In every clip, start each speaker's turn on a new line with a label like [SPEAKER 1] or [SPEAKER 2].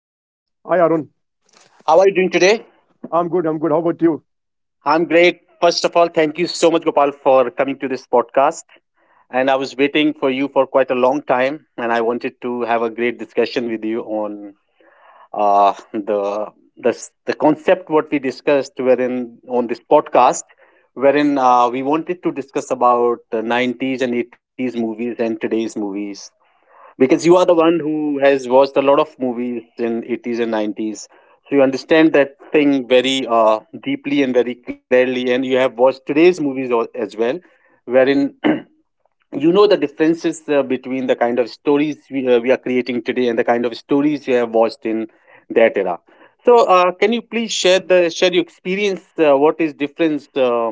[SPEAKER 1] How are you doing today?
[SPEAKER 2] I'm good. I'm good. How about you?
[SPEAKER 1] I'm great. First of all, thank you so much, Gopal, for coming to this podcast. And I was waiting for you for quite a long time, and I wanted to have a great discussion with you on uh, the the concept what we discussed wherein on this podcast, wherein we wanted to discuss about the 90s and 80s movies and today's movies. Because you are the one who has watched a lot of movies in 80s and 90s, so you understand that thing very deeply and very clearly, and you have watched today's movies as well, wherein you know the differences between the kind of stories we are creating today and the kind of stories you have watched in that era. So can you please share the share your experience, what is difference, uh,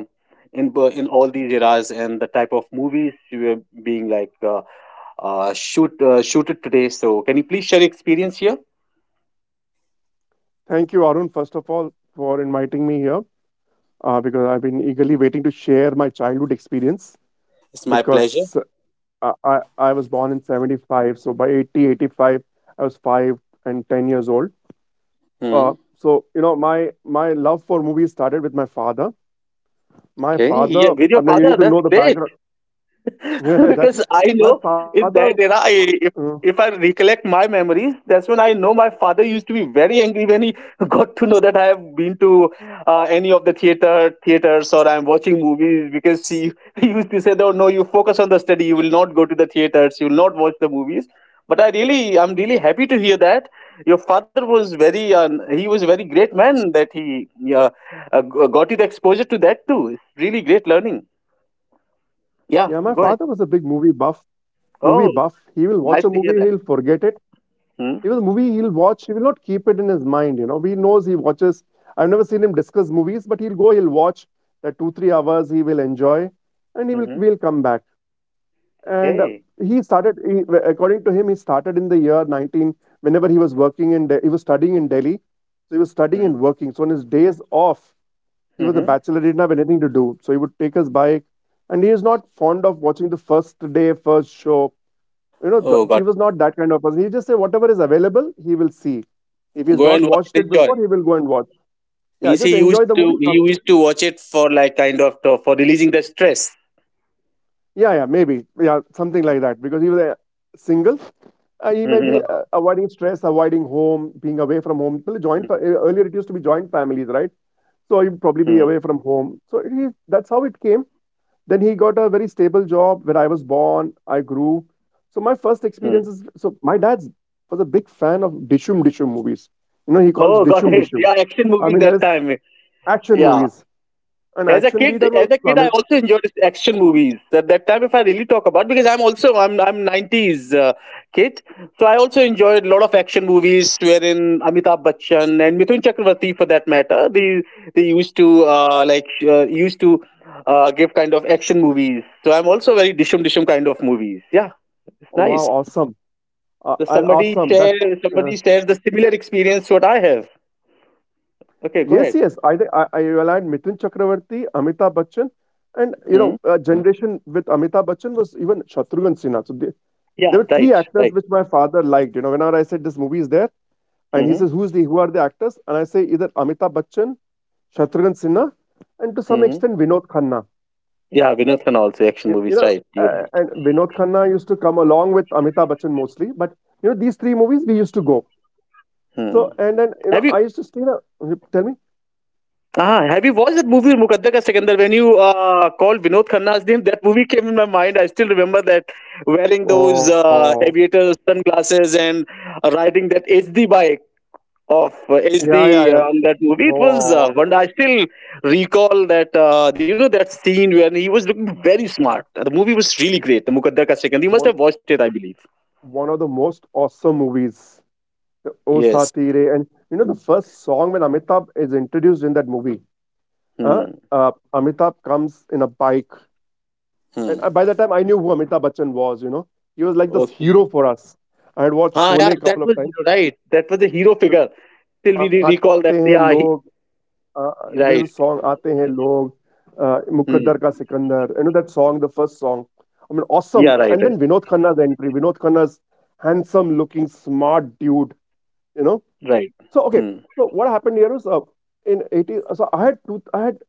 [SPEAKER 1] in bo- in all these eras and the type of movies you are being like shooted today? So can you please share your experience here?
[SPEAKER 2] Thank you, Arun, first of all, for inviting me here because I've been eagerly waiting to share my childhood experience
[SPEAKER 1] It's my pleasure.
[SPEAKER 2] because I was born in 75. So by 80, 85, I was 5 and 10 years old.
[SPEAKER 1] Hmm.
[SPEAKER 2] Uh, so, you know, my love for movies started with my father. My
[SPEAKER 1] Okay, yeah,
[SPEAKER 2] father,
[SPEAKER 1] with
[SPEAKER 2] I
[SPEAKER 1] your
[SPEAKER 2] mean, you
[SPEAKER 1] father,
[SPEAKER 2] need to
[SPEAKER 1] that's
[SPEAKER 2] know the
[SPEAKER 1] great.
[SPEAKER 2] background. Yeah, that's
[SPEAKER 1] Because I
[SPEAKER 2] my
[SPEAKER 1] know
[SPEAKER 2] father.
[SPEAKER 1] in that era,
[SPEAKER 2] Uh,
[SPEAKER 1] if I recollect my memories, that's when I know my father used to be very angry when he got to know that I have been to any of the theaters or I'm watching movies, because he, he used to say, "No, no, you focus on the study. You will not go to the theaters. You will not watch the movies." But I really, I'm really happy to hear that your father was he was a very great man, that he uh, got you the exposure to that too. It's really great learning. Yeah,
[SPEAKER 2] yeah, my
[SPEAKER 1] go ahead.
[SPEAKER 2] father was a big movie buff. Movie
[SPEAKER 1] Oh.
[SPEAKER 2] buff. He will watch
[SPEAKER 1] Nice
[SPEAKER 2] a
[SPEAKER 1] to hear
[SPEAKER 2] movie,
[SPEAKER 1] that.
[SPEAKER 2] he'll forget it. Even the movie he'll watch, he will not keep it in his mind, you know. He knows he watches. I've never seen him discuss movies, but he'll go, he'll watch that 2, 3 hours he will enjoy, and he will
[SPEAKER 1] Mm-hmm.
[SPEAKER 2] will come back. And
[SPEAKER 1] Okay.
[SPEAKER 2] he started, he, according to him, he started in the year 19, whenever he was working in, he was studying in Delhi. So he was studying and working. So on his days off, he was a
[SPEAKER 1] Mm-hmm.
[SPEAKER 2] bachelor, he didn't have anything to do. So he would take his bike, and he is not fond of watching the first day, first show, you know,
[SPEAKER 1] Oh
[SPEAKER 2] he
[SPEAKER 1] God,
[SPEAKER 2] was not that kind of person. He just say whatever is available, he will see. If he's
[SPEAKER 1] go
[SPEAKER 2] not
[SPEAKER 1] and watch
[SPEAKER 2] watched
[SPEAKER 1] it.
[SPEAKER 2] it
[SPEAKER 1] Enjoy.
[SPEAKER 2] before, he will go and watch. Yeah,
[SPEAKER 1] Means
[SPEAKER 2] just enjoy the movie.
[SPEAKER 1] he
[SPEAKER 2] Come.
[SPEAKER 1] used to watch it for like kind of for releasing the stress.
[SPEAKER 2] Yeah, yeah, maybe. Yeah, something like that. Because he was single. He may be
[SPEAKER 1] Mm-hmm.
[SPEAKER 2] avoiding stress, avoiding home, being away from home. Well, earlier it used to be joint families, right? So you probably
[SPEAKER 1] Mm-hmm.
[SPEAKER 2] be away from home. So he, that's how it came. Then he got a very stable job where I was born. I grew. So my first experience is so my dad was a big fan of Dishum Dishum movies. You know, he calls
[SPEAKER 1] Oh, got
[SPEAKER 2] Dishum
[SPEAKER 1] it.
[SPEAKER 2] Dishum.
[SPEAKER 1] Yeah, action
[SPEAKER 2] I
[SPEAKER 1] movie
[SPEAKER 2] mean, that
[SPEAKER 1] that
[SPEAKER 2] is
[SPEAKER 1] time.
[SPEAKER 2] action
[SPEAKER 1] Yeah.
[SPEAKER 2] movies. An action leader was
[SPEAKER 1] As a
[SPEAKER 2] Amit.
[SPEAKER 1] kid, I also enjoyed action movies. At that time, if I really talk about, because I'm 90s kid, so I also enjoyed a lot of action movies wherein Amitabh Bachchan and Mithun Chakravarti, for that matter, they used to used to give kind of action movies. So I'm also very dishum dishum kind of movies. Yeah, it's
[SPEAKER 2] Wow,
[SPEAKER 1] nice.
[SPEAKER 2] awesome.
[SPEAKER 1] So
[SPEAKER 2] And
[SPEAKER 1] somebody
[SPEAKER 2] awesome. That
[SPEAKER 1] share
[SPEAKER 2] uh,
[SPEAKER 1] Somebody shares the similar experience what I have. Okay, go
[SPEAKER 2] yes,
[SPEAKER 1] ahead.
[SPEAKER 2] yes. I, thi- I aligned Mithun Chakravarti, Amitabh Bachchan, and you know,
[SPEAKER 1] Hmm?
[SPEAKER 2] generation with Amitabh Bachchan was even Shatrughan Sinha. So
[SPEAKER 1] Yeah,
[SPEAKER 2] there were three
[SPEAKER 1] right,
[SPEAKER 2] actors
[SPEAKER 1] right.
[SPEAKER 2] which my father liked. You know, whenever I said this movie is there, and he
[SPEAKER 1] Mm-hmm.
[SPEAKER 2] says, "Who are the actors?" And I say either Amitabh Bachchan, Shatrughan Sinha, and to some
[SPEAKER 1] Mm-hmm.
[SPEAKER 2] extent Vinod Khanna.
[SPEAKER 1] Yeah, Vinod Khanna also action
[SPEAKER 2] You, you
[SPEAKER 1] movies,
[SPEAKER 2] know,
[SPEAKER 1] right? You're
[SPEAKER 2] uh,
[SPEAKER 1] right.
[SPEAKER 2] and Vinod Khanna used to come along with Amitabh Bachchan mostly. But you know, these three movies we used to go.
[SPEAKER 1] Hmm.
[SPEAKER 2] So and then you
[SPEAKER 1] Have you
[SPEAKER 2] know, I used to stay. Tell me,
[SPEAKER 1] have you watched that movie Mukadda Ka Sekandar? When you called Vinod Khanna's name, that movie came in my mind. I still remember that wearing those
[SPEAKER 2] oh
[SPEAKER 1] aviator sunglasses and riding that HD bike of uh,
[SPEAKER 2] yeah, yeah,
[SPEAKER 1] HD uh,
[SPEAKER 2] yeah.
[SPEAKER 1] on that movie. It was
[SPEAKER 2] Oh,
[SPEAKER 1] one. I still recall that, you know that scene when he was looking very smart. The movie was really great. The Mukadda Ka Sekandar. You must
[SPEAKER 2] one
[SPEAKER 1] have watched it, I believe.
[SPEAKER 2] one of the most awesome movies, the O
[SPEAKER 1] Yes.
[SPEAKER 2] Saathi Re, and you know the first song when Amitabh is introduced in that movie. Uh,
[SPEAKER 1] Hmm.
[SPEAKER 2] Amitabh comes in a bike. And
[SPEAKER 1] Hmm.
[SPEAKER 2] by the time I knew who Amitabh Bachchan was, you know, he was like this hero
[SPEAKER 1] Okay.
[SPEAKER 2] for us. I had watched
[SPEAKER 1] Ah,
[SPEAKER 2] Sholay
[SPEAKER 1] yeah,
[SPEAKER 2] a couple
[SPEAKER 1] that
[SPEAKER 2] of
[SPEAKER 1] was
[SPEAKER 2] times.
[SPEAKER 1] right. That was a hero
[SPEAKER 2] The
[SPEAKER 1] figure. Till we
[SPEAKER 2] Aate
[SPEAKER 1] recall that,
[SPEAKER 2] Hain
[SPEAKER 1] yeah,
[SPEAKER 2] Log,
[SPEAKER 1] he,
[SPEAKER 2] uh, there's a
[SPEAKER 1] right.
[SPEAKER 2] song, Aate Hain Log,
[SPEAKER 1] Hmm.
[SPEAKER 2] Mukaddar Ka Sikandar. You know that song, the first song. I mean, awesome.
[SPEAKER 1] Yeah, right,
[SPEAKER 2] And
[SPEAKER 1] right,
[SPEAKER 2] then Vinod Khanna's entry, Vinod Khanna's handsome looking, smart dude, you know.
[SPEAKER 1] right.
[SPEAKER 2] So, okay.
[SPEAKER 1] Hmm.
[SPEAKER 2] So what happened here was in 80, so I had two,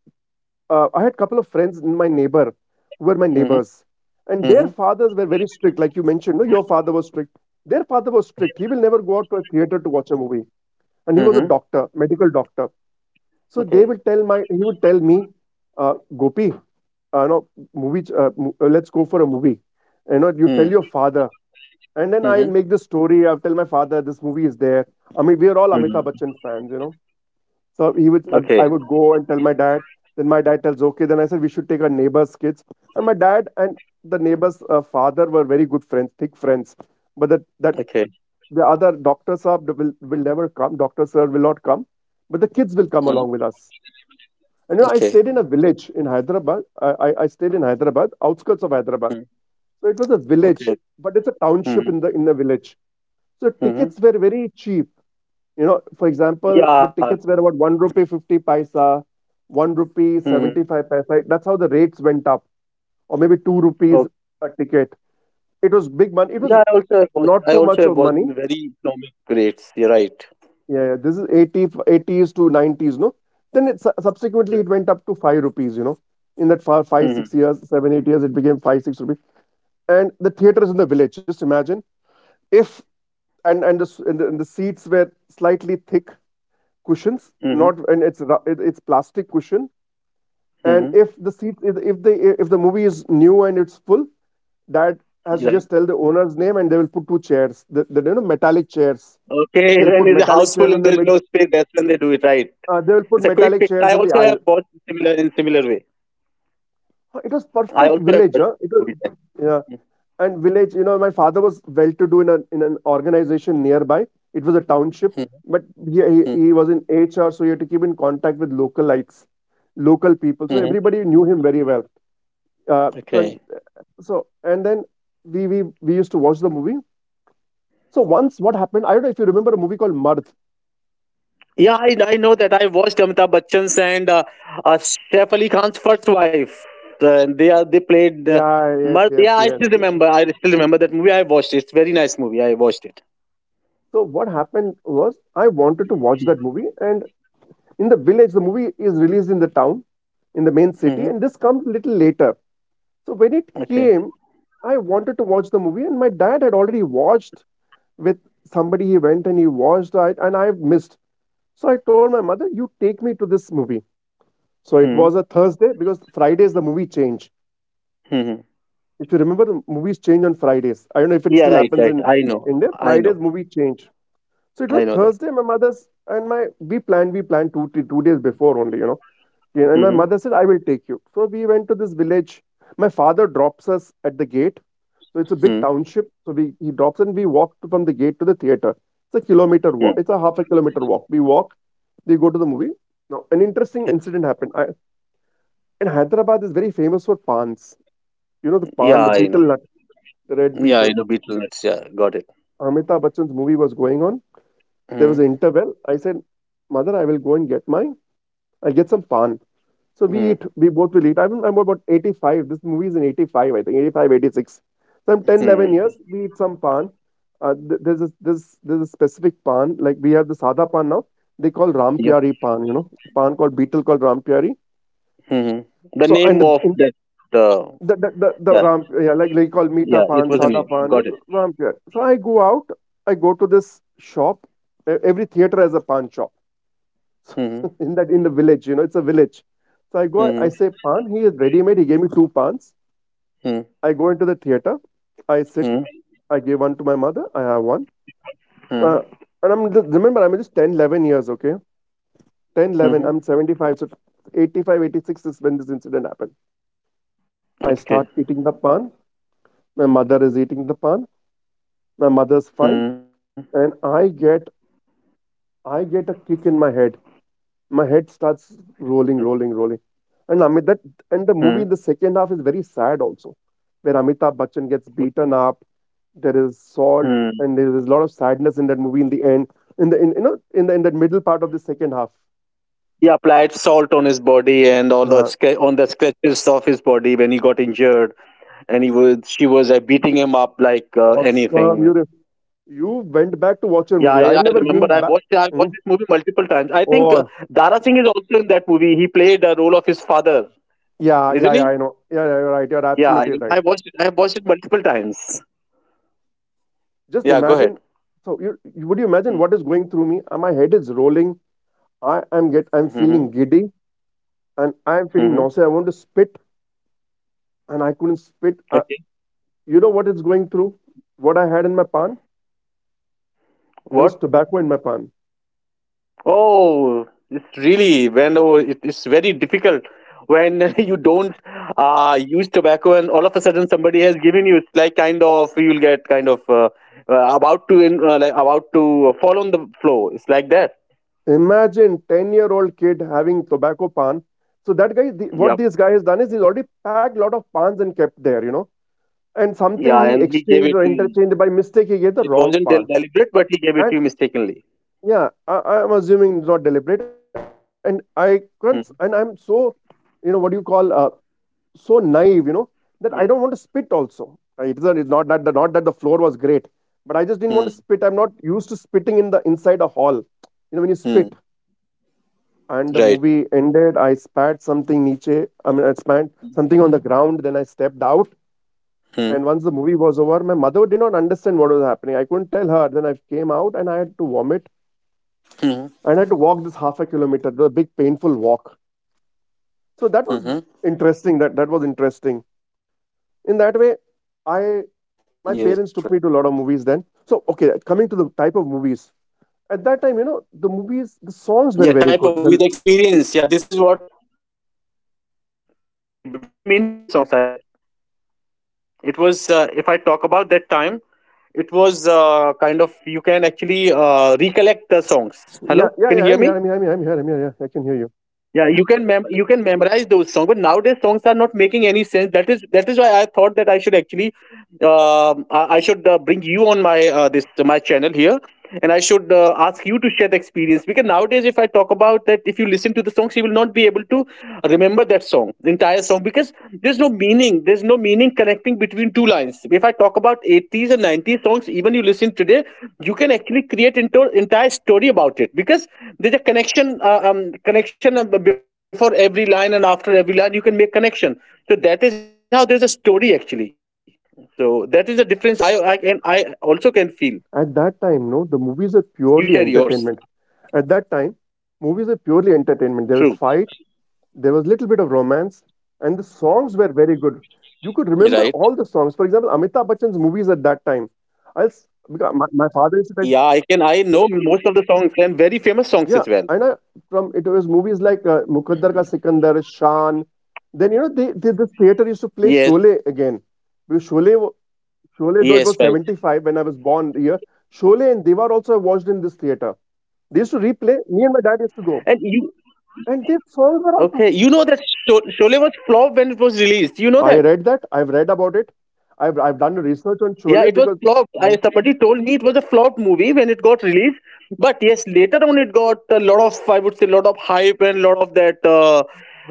[SPEAKER 2] I had a couple of friends in my neighbor who were my
[SPEAKER 1] Hmm.
[SPEAKER 2] neighbors, and their
[SPEAKER 1] Hmm.
[SPEAKER 2] fathers were very strict. Like you mentioned, no, your father was strict. Their father was strict. He will never go out to a theater to watch a movie, and he was a
[SPEAKER 1] Hmm.
[SPEAKER 2] doctor, medical doctor. So they will
[SPEAKER 1] Okay.
[SPEAKER 2] tell my he would tell me, Gopi, no movie, let's go for a movie. You know, you tell
[SPEAKER 1] Hmm.
[SPEAKER 2] your father, and then I
[SPEAKER 1] Hmm.
[SPEAKER 2] make the story. I will tell my father this movie is there. I mean, we are all
[SPEAKER 1] Hmm.
[SPEAKER 2] Amitabh Bachchan fans, you know. So he would, I,
[SPEAKER 1] Okay.
[SPEAKER 2] I would go and tell my dad. Then my dad tells, okay. Then I said we should take our neighbor's kids. And my dad and the neighbor's father were very good friends, thick friends. But that
[SPEAKER 1] Okay.
[SPEAKER 2] the other doctor sir will never come. Doctor sir will not come. But the kids will come
[SPEAKER 1] Hmm.
[SPEAKER 2] along with us. And you know, I
[SPEAKER 1] Okay.
[SPEAKER 2] stayed in a village in Hyderabad. I stayed in Hyderabad, outskirts of Hyderabad.
[SPEAKER 1] Hmm.
[SPEAKER 2] So it was a village,
[SPEAKER 1] Okay.
[SPEAKER 2] but it's a township
[SPEAKER 1] Hmm.
[SPEAKER 2] in the village. So
[SPEAKER 1] Hmm.
[SPEAKER 2] tickets were very cheap. You know, for example,
[SPEAKER 1] Yeah.
[SPEAKER 2] the tickets were about 1 rupee 50 paisa, 1 rupee
[SPEAKER 1] Hmm.
[SPEAKER 2] 75 paisa, right? That's how the rates went up, or maybe 2
[SPEAKER 1] Oh,
[SPEAKER 2] rupees a ticket. It was big money. It was
[SPEAKER 1] yeah. I also have watched.
[SPEAKER 2] not
[SPEAKER 1] I
[SPEAKER 2] too
[SPEAKER 1] also
[SPEAKER 2] much
[SPEAKER 1] have
[SPEAKER 2] of
[SPEAKER 1] watched
[SPEAKER 2] money.
[SPEAKER 1] in very economic rates. You're right.
[SPEAKER 2] Yeah, yeah. This is eighty-eighties to 90s, no? Then it, subsequently,
[SPEAKER 1] Yeah.
[SPEAKER 2] it went up to 5 rupees, you know. In that far, 5, 6
[SPEAKER 1] Hmm.
[SPEAKER 2] years, 7, 8 years, it became 5, 6 rupees. And the theater is in the village. Just imagine if, and, the, s- and the seats were slightly thick cushions,
[SPEAKER 1] Hmm.
[SPEAKER 2] not, and it's plastic cushion. And
[SPEAKER 1] Hmm.
[SPEAKER 2] if the seat if the movie is new and it's full, that has to just
[SPEAKER 1] Right.
[SPEAKER 2] tell the owner's name and they will put two chairs, the metallic chairs.
[SPEAKER 1] Okay.
[SPEAKER 2] They'll
[SPEAKER 1] When
[SPEAKER 2] put
[SPEAKER 1] it's a
[SPEAKER 2] metallic
[SPEAKER 1] house full
[SPEAKER 2] chairs in
[SPEAKER 1] and
[SPEAKER 2] the
[SPEAKER 1] there's
[SPEAKER 2] mid,
[SPEAKER 1] no space, that's when they do it, right.
[SPEAKER 2] they will put
[SPEAKER 1] It's a quick
[SPEAKER 2] metallic
[SPEAKER 1] fix.
[SPEAKER 2] chairs
[SPEAKER 1] I
[SPEAKER 2] in the
[SPEAKER 1] also have
[SPEAKER 2] aisle.
[SPEAKER 1] watched similar in similar way.
[SPEAKER 2] Huh, it was
[SPEAKER 1] I
[SPEAKER 2] perfect
[SPEAKER 1] also have
[SPEAKER 2] village,
[SPEAKER 1] watched
[SPEAKER 2] huh? It was,
[SPEAKER 1] movies. Like-
[SPEAKER 2] yeah. And village, you know, my father was well to do in an organization nearby. It was a township,
[SPEAKER 1] Mhm,
[SPEAKER 2] but he, he,
[SPEAKER 1] mhm,
[SPEAKER 2] he was in HR, so he had to keep in contact with localites, local people, so
[SPEAKER 1] mhm.
[SPEAKER 2] everybody knew him very well. So
[SPEAKER 1] Okay.
[SPEAKER 2] So and then we used to watch the movie. So once what happened, I don't know if you remember a movie called Marth.
[SPEAKER 1] Yeah, I know that. I watched Amitabh Bachchan's and Saif Ali Khan's first wife. They are they played.
[SPEAKER 2] Yeah, yes,
[SPEAKER 1] Mard.
[SPEAKER 2] yes,
[SPEAKER 1] Yeah, I
[SPEAKER 2] yes,
[SPEAKER 1] still
[SPEAKER 2] yeah.
[SPEAKER 1] remember. I still remember that movie. I watched it. It's very nice movie. I watched it.
[SPEAKER 2] So what happened was I wanted to watch that movie, and in the village, the movie is released in the town, in the main city,
[SPEAKER 1] Hmm.
[SPEAKER 2] and this comes little later. So when it
[SPEAKER 1] Okay.
[SPEAKER 2] came, I wanted to watch the movie, and my dad had already watched with somebody. He went and he watched, it, and I missed. So I told my mother, "You take me to this movie." So it was a Thursday because Fridays the movie changed.
[SPEAKER 1] Mm-hmm.
[SPEAKER 2] If you remember, the movies change on Fridays. I don't know if it
[SPEAKER 1] Yeah,
[SPEAKER 2] still
[SPEAKER 1] right,
[SPEAKER 2] happens
[SPEAKER 1] right.
[SPEAKER 2] in
[SPEAKER 1] I know.
[SPEAKER 2] India.
[SPEAKER 1] I know.
[SPEAKER 2] Fridays movie change. So it
[SPEAKER 1] I
[SPEAKER 2] was
[SPEAKER 1] know that.
[SPEAKER 2] Thursday. My mother's and my we planned two to two days before only, you know. Yeah, and my
[SPEAKER 1] Hmm.
[SPEAKER 2] mother said, "I will take you." So we went to this village. My father drops us at the gate. So it's a big
[SPEAKER 1] Hmm.
[SPEAKER 2] township. So we he drops and we walk from the gate to the theater. It's a kilometer walk. It's a half a kilometer walk. We walk. We go to the movie. Now an interesting incident happened. And Hyderabad is very famous for pans. You know the pan,
[SPEAKER 1] Yeah,
[SPEAKER 2] the
[SPEAKER 1] I know.
[SPEAKER 2] beetle nut, the red
[SPEAKER 1] Yeah, I
[SPEAKER 2] beetle.
[SPEAKER 1] know. Beetle nuts. Yeah, got it.
[SPEAKER 2] Amitabh Bachchan's movie was going on. There
[SPEAKER 1] Mm-hmm.
[SPEAKER 2] was an interval. I said, "Mother, I will go and get my, I'll get some pan." So we eat. We both will eat. I'm about 85. This movie is in 85, I think 85, 86. So I'm 10,
[SPEAKER 1] Hmm.
[SPEAKER 2] 11 years. We eat some pan. There's a, this there's a specific pan like we have the sada pan now. They call
[SPEAKER 1] Yep.
[SPEAKER 2] Rampiari pan. You know, pan called beetle called Rampiari.
[SPEAKER 1] Hmm. The
[SPEAKER 2] So
[SPEAKER 1] name
[SPEAKER 2] and the,
[SPEAKER 1] of
[SPEAKER 2] in
[SPEAKER 1] that. Uh,
[SPEAKER 2] the
[SPEAKER 1] yeah.
[SPEAKER 2] ram, yeah, like they call meeta
[SPEAKER 1] Yeah. It
[SPEAKER 2] pan
[SPEAKER 1] was a
[SPEAKER 2] sada
[SPEAKER 1] name.
[SPEAKER 2] pan
[SPEAKER 1] Got it.
[SPEAKER 2] ram pyar. So I go out, I go to this shop. Every theater has a pan shop.
[SPEAKER 1] Hmm.
[SPEAKER 2] In that, in the village, you know, it's a village, so I go, I
[SPEAKER 1] Hmm.
[SPEAKER 2] say pan. He is ready made, he gave me two pans.
[SPEAKER 1] Hmm.
[SPEAKER 2] I go into the theater, I sit,
[SPEAKER 1] Hmm.
[SPEAKER 2] I give one to my mother, I have one.
[SPEAKER 1] Hmm.
[SPEAKER 2] uh, and remember I'm just 10, 11 years, okay, 10,
[SPEAKER 1] Hmm.
[SPEAKER 2] 11, I'm 75, so 85, 86 is when this incident happened. I
[SPEAKER 1] Okay.
[SPEAKER 2] start eating the pan, my mother is eating the pan, my mother's
[SPEAKER 1] Hmm.
[SPEAKER 2] fine, and I get a kick in my head. My head starts rolling, rolling, rolling, and amit that
[SPEAKER 1] Hmm.
[SPEAKER 2] and the movie in the second half is very sad also, where Amitabh Bachchan gets beaten up. There is salt,
[SPEAKER 1] Hmm.
[SPEAKER 2] and there is a lot of sadness in that movie in the end, in the in you know in the in that middle part of the second half.
[SPEAKER 1] He applied salt on his body and all the
[SPEAKER 2] uh,
[SPEAKER 1] on the scratches of his body when he got injured, and he was she was beating him up like
[SPEAKER 2] Awesome,
[SPEAKER 1] anything.
[SPEAKER 2] you went back to watch your
[SPEAKER 1] Yeah,
[SPEAKER 2] movie. I've
[SPEAKER 1] I
[SPEAKER 2] never
[SPEAKER 1] remember.
[SPEAKER 2] been back.
[SPEAKER 1] I watched
[SPEAKER 2] Hmm?
[SPEAKER 1] this movie multiple times. I think
[SPEAKER 2] Oh,
[SPEAKER 1] Dara Singh is also in that movie. He played the role of his father,
[SPEAKER 2] yeah, yeah,
[SPEAKER 1] isn't
[SPEAKER 2] yeah,
[SPEAKER 1] he?
[SPEAKER 2] I know, yeah, yeah, you're right, you're
[SPEAKER 1] Yeah,
[SPEAKER 2] absolutely right.
[SPEAKER 1] I watched it. I watched it multiple times.
[SPEAKER 2] Just
[SPEAKER 1] Yeah, go
[SPEAKER 2] imagine.
[SPEAKER 1] ahead.
[SPEAKER 2] So, would you imagine what is going through me? My head is rolling. I am get. I'm
[SPEAKER 1] Mm-hmm.
[SPEAKER 2] feeling giddy, and I am feeling
[SPEAKER 1] Mm-hmm.
[SPEAKER 2] nauseous. I want to spit, and I couldn't spit. Uh,
[SPEAKER 1] Okay.
[SPEAKER 2] you know what is going through? What I had in my pan? There was
[SPEAKER 1] What?
[SPEAKER 2] tobacco in my pan.
[SPEAKER 1] Oh, it's really when oh, it's very difficult when you don't use tobacco and all of a sudden somebody has given you. It's like kind of you'll get kind of about to like about to fall on the floor. It's like that.
[SPEAKER 2] Imagine 10-year-old kid having tobacco pan. So that guy,
[SPEAKER 1] Yeah.
[SPEAKER 2] what this guy has done is he's already packed lot of pans and kept there. You know, and something
[SPEAKER 1] Yeah,
[SPEAKER 2] he
[SPEAKER 1] and he gave
[SPEAKER 2] exchanged
[SPEAKER 1] it
[SPEAKER 2] or
[SPEAKER 1] to you.
[SPEAKER 2] interchanged by mistake he gave the
[SPEAKER 1] It
[SPEAKER 2] wrong
[SPEAKER 1] wasn't
[SPEAKER 2] pan
[SPEAKER 1] deliberate, but he gave it to
[SPEAKER 2] and
[SPEAKER 1] you mistakenly.
[SPEAKER 2] yeah, I'm assuming it's not deliberate, and I can't, and I'm
[SPEAKER 1] Hmm.
[SPEAKER 2] so you know what do you call so naive, that I don't want to spit.
[SPEAKER 1] Yes.
[SPEAKER 2] Also, it's not that the floor was great, but I just didn't want to spit. I'm
[SPEAKER 1] Hmm.
[SPEAKER 2] not used to spitting in the inside a hall. You know, when you spit,
[SPEAKER 1] Hmm.
[SPEAKER 2] and the
[SPEAKER 1] Right.
[SPEAKER 2] movie ended, I spat something niche. I mean, I spat something on the ground. Then I stepped out, and
[SPEAKER 1] Hmm.
[SPEAKER 2] once the movie was over, my mother did not understand what was happening. I couldn't tell her. Then I came out, and I had to vomit.
[SPEAKER 1] Hmm.
[SPEAKER 2] And I had to walk this half a kilometer, the big painful walk. So that
[SPEAKER 1] Mm-hmm.
[SPEAKER 2] was interesting. That was interesting. In that way,
[SPEAKER 1] Yes, right.
[SPEAKER 2] I my parents took me to a lot of movies then. So okay, coming to the type of movies. At
[SPEAKER 1] Yeah,
[SPEAKER 2] that time, you
[SPEAKER 1] type of
[SPEAKER 2] know,
[SPEAKER 1] movie,
[SPEAKER 2] the
[SPEAKER 1] the
[SPEAKER 2] movies, the
[SPEAKER 1] experience. Yeah, this
[SPEAKER 2] songs
[SPEAKER 1] is
[SPEAKER 2] were
[SPEAKER 1] what
[SPEAKER 2] very good. The,
[SPEAKER 1] really very meaningful songs I would say that. It was, if I talk about that time, it was kind of you can actually recollect the songs. Hello, can you hear me?
[SPEAKER 2] yeah, yeah, yeah, I'm here, I'm here, I'm here, I'm here, I'm here,
[SPEAKER 1] Yeah,
[SPEAKER 2] yeah, I
[SPEAKER 1] you
[SPEAKER 2] can hear
[SPEAKER 1] can
[SPEAKER 2] you.
[SPEAKER 1] you can memorize those songs, but nowadays songs are not making any sense. That is why I thought that I should actually I should bring you on my this my channel here, and I should ask you to share the experience because nowadays, if I talk about that, if you listen to the song, she will not be able to remember that song, the entire song, because there's no meaning. There's no meaning connecting between two lines. If I talk about 80s and 90s songs, even you listen today, you can actually create into entire story about it because there's a connection, connection before every line and after every line, you can make connection. So that is how there's a story actually. So that is the difference. I also can feel.
[SPEAKER 2] At that time,
[SPEAKER 1] You
[SPEAKER 2] no,
[SPEAKER 1] share
[SPEAKER 2] the
[SPEAKER 1] yours.
[SPEAKER 2] movies are purely entertainment. At that time, movies are
[SPEAKER 1] True.
[SPEAKER 2] purely entertainment. There was fight, there was little bit of romance, and the songs were very good.
[SPEAKER 1] Right?
[SPEAKER 2] You could remember all the songs. For example, Amitabh Bachchan's movies at that time. I'll, s- because my
[SPEAKER 1] Yeah,
[SPEAKER 2] father used
[SPEAKER 1] I
[SPEAKER 2] to
[SPEAKER 1] can.
[SPEAKER 2] tell
[SPEAKER 1] I know most of the songs and very famous songs as well.
[SPEAKER 2] yeah, and from it was movies like Muqaddar Ka Sikandar, Shaan. Then you know they this theater used to
[SPEAKER 1] Yes,
[SPEAKER 2] play Sholay again. Because Sholay
[SPEAKER 1] yes,
[SPEAKER 2] though it
[SPEAKER 1] right.
[SPEAKER 2] was 75 when I was born here, Sholay and Diwar also I watched in this theater. They used to replay. Me and my dad used to go,
[SPEAKER 1] And you
[SPEAKER 2] and their songs were
[SPEAKER 1] okay?
[SPEAKER 2] awesome.
[SPEAKER 1] You know that Sholay was flop when it was released. You know
[SPEAKER 2] I
[SPEAKER 1] that.
[SPEAKER 2] read that. I've read about it. I've done research on
[SPEAKER 1] Yeah,
[SPEAKER 2] Sholay
[SPEAKER 1] it was
[SPEAKER 2] because
[SPEAKER 1] flopped. I
[SPEAKER 2] mm,
[SPEAKER 1] somebody told me it was a flop movie when it got released. But yes, later on it got a lot of I would say lot of hype and lot of that uh,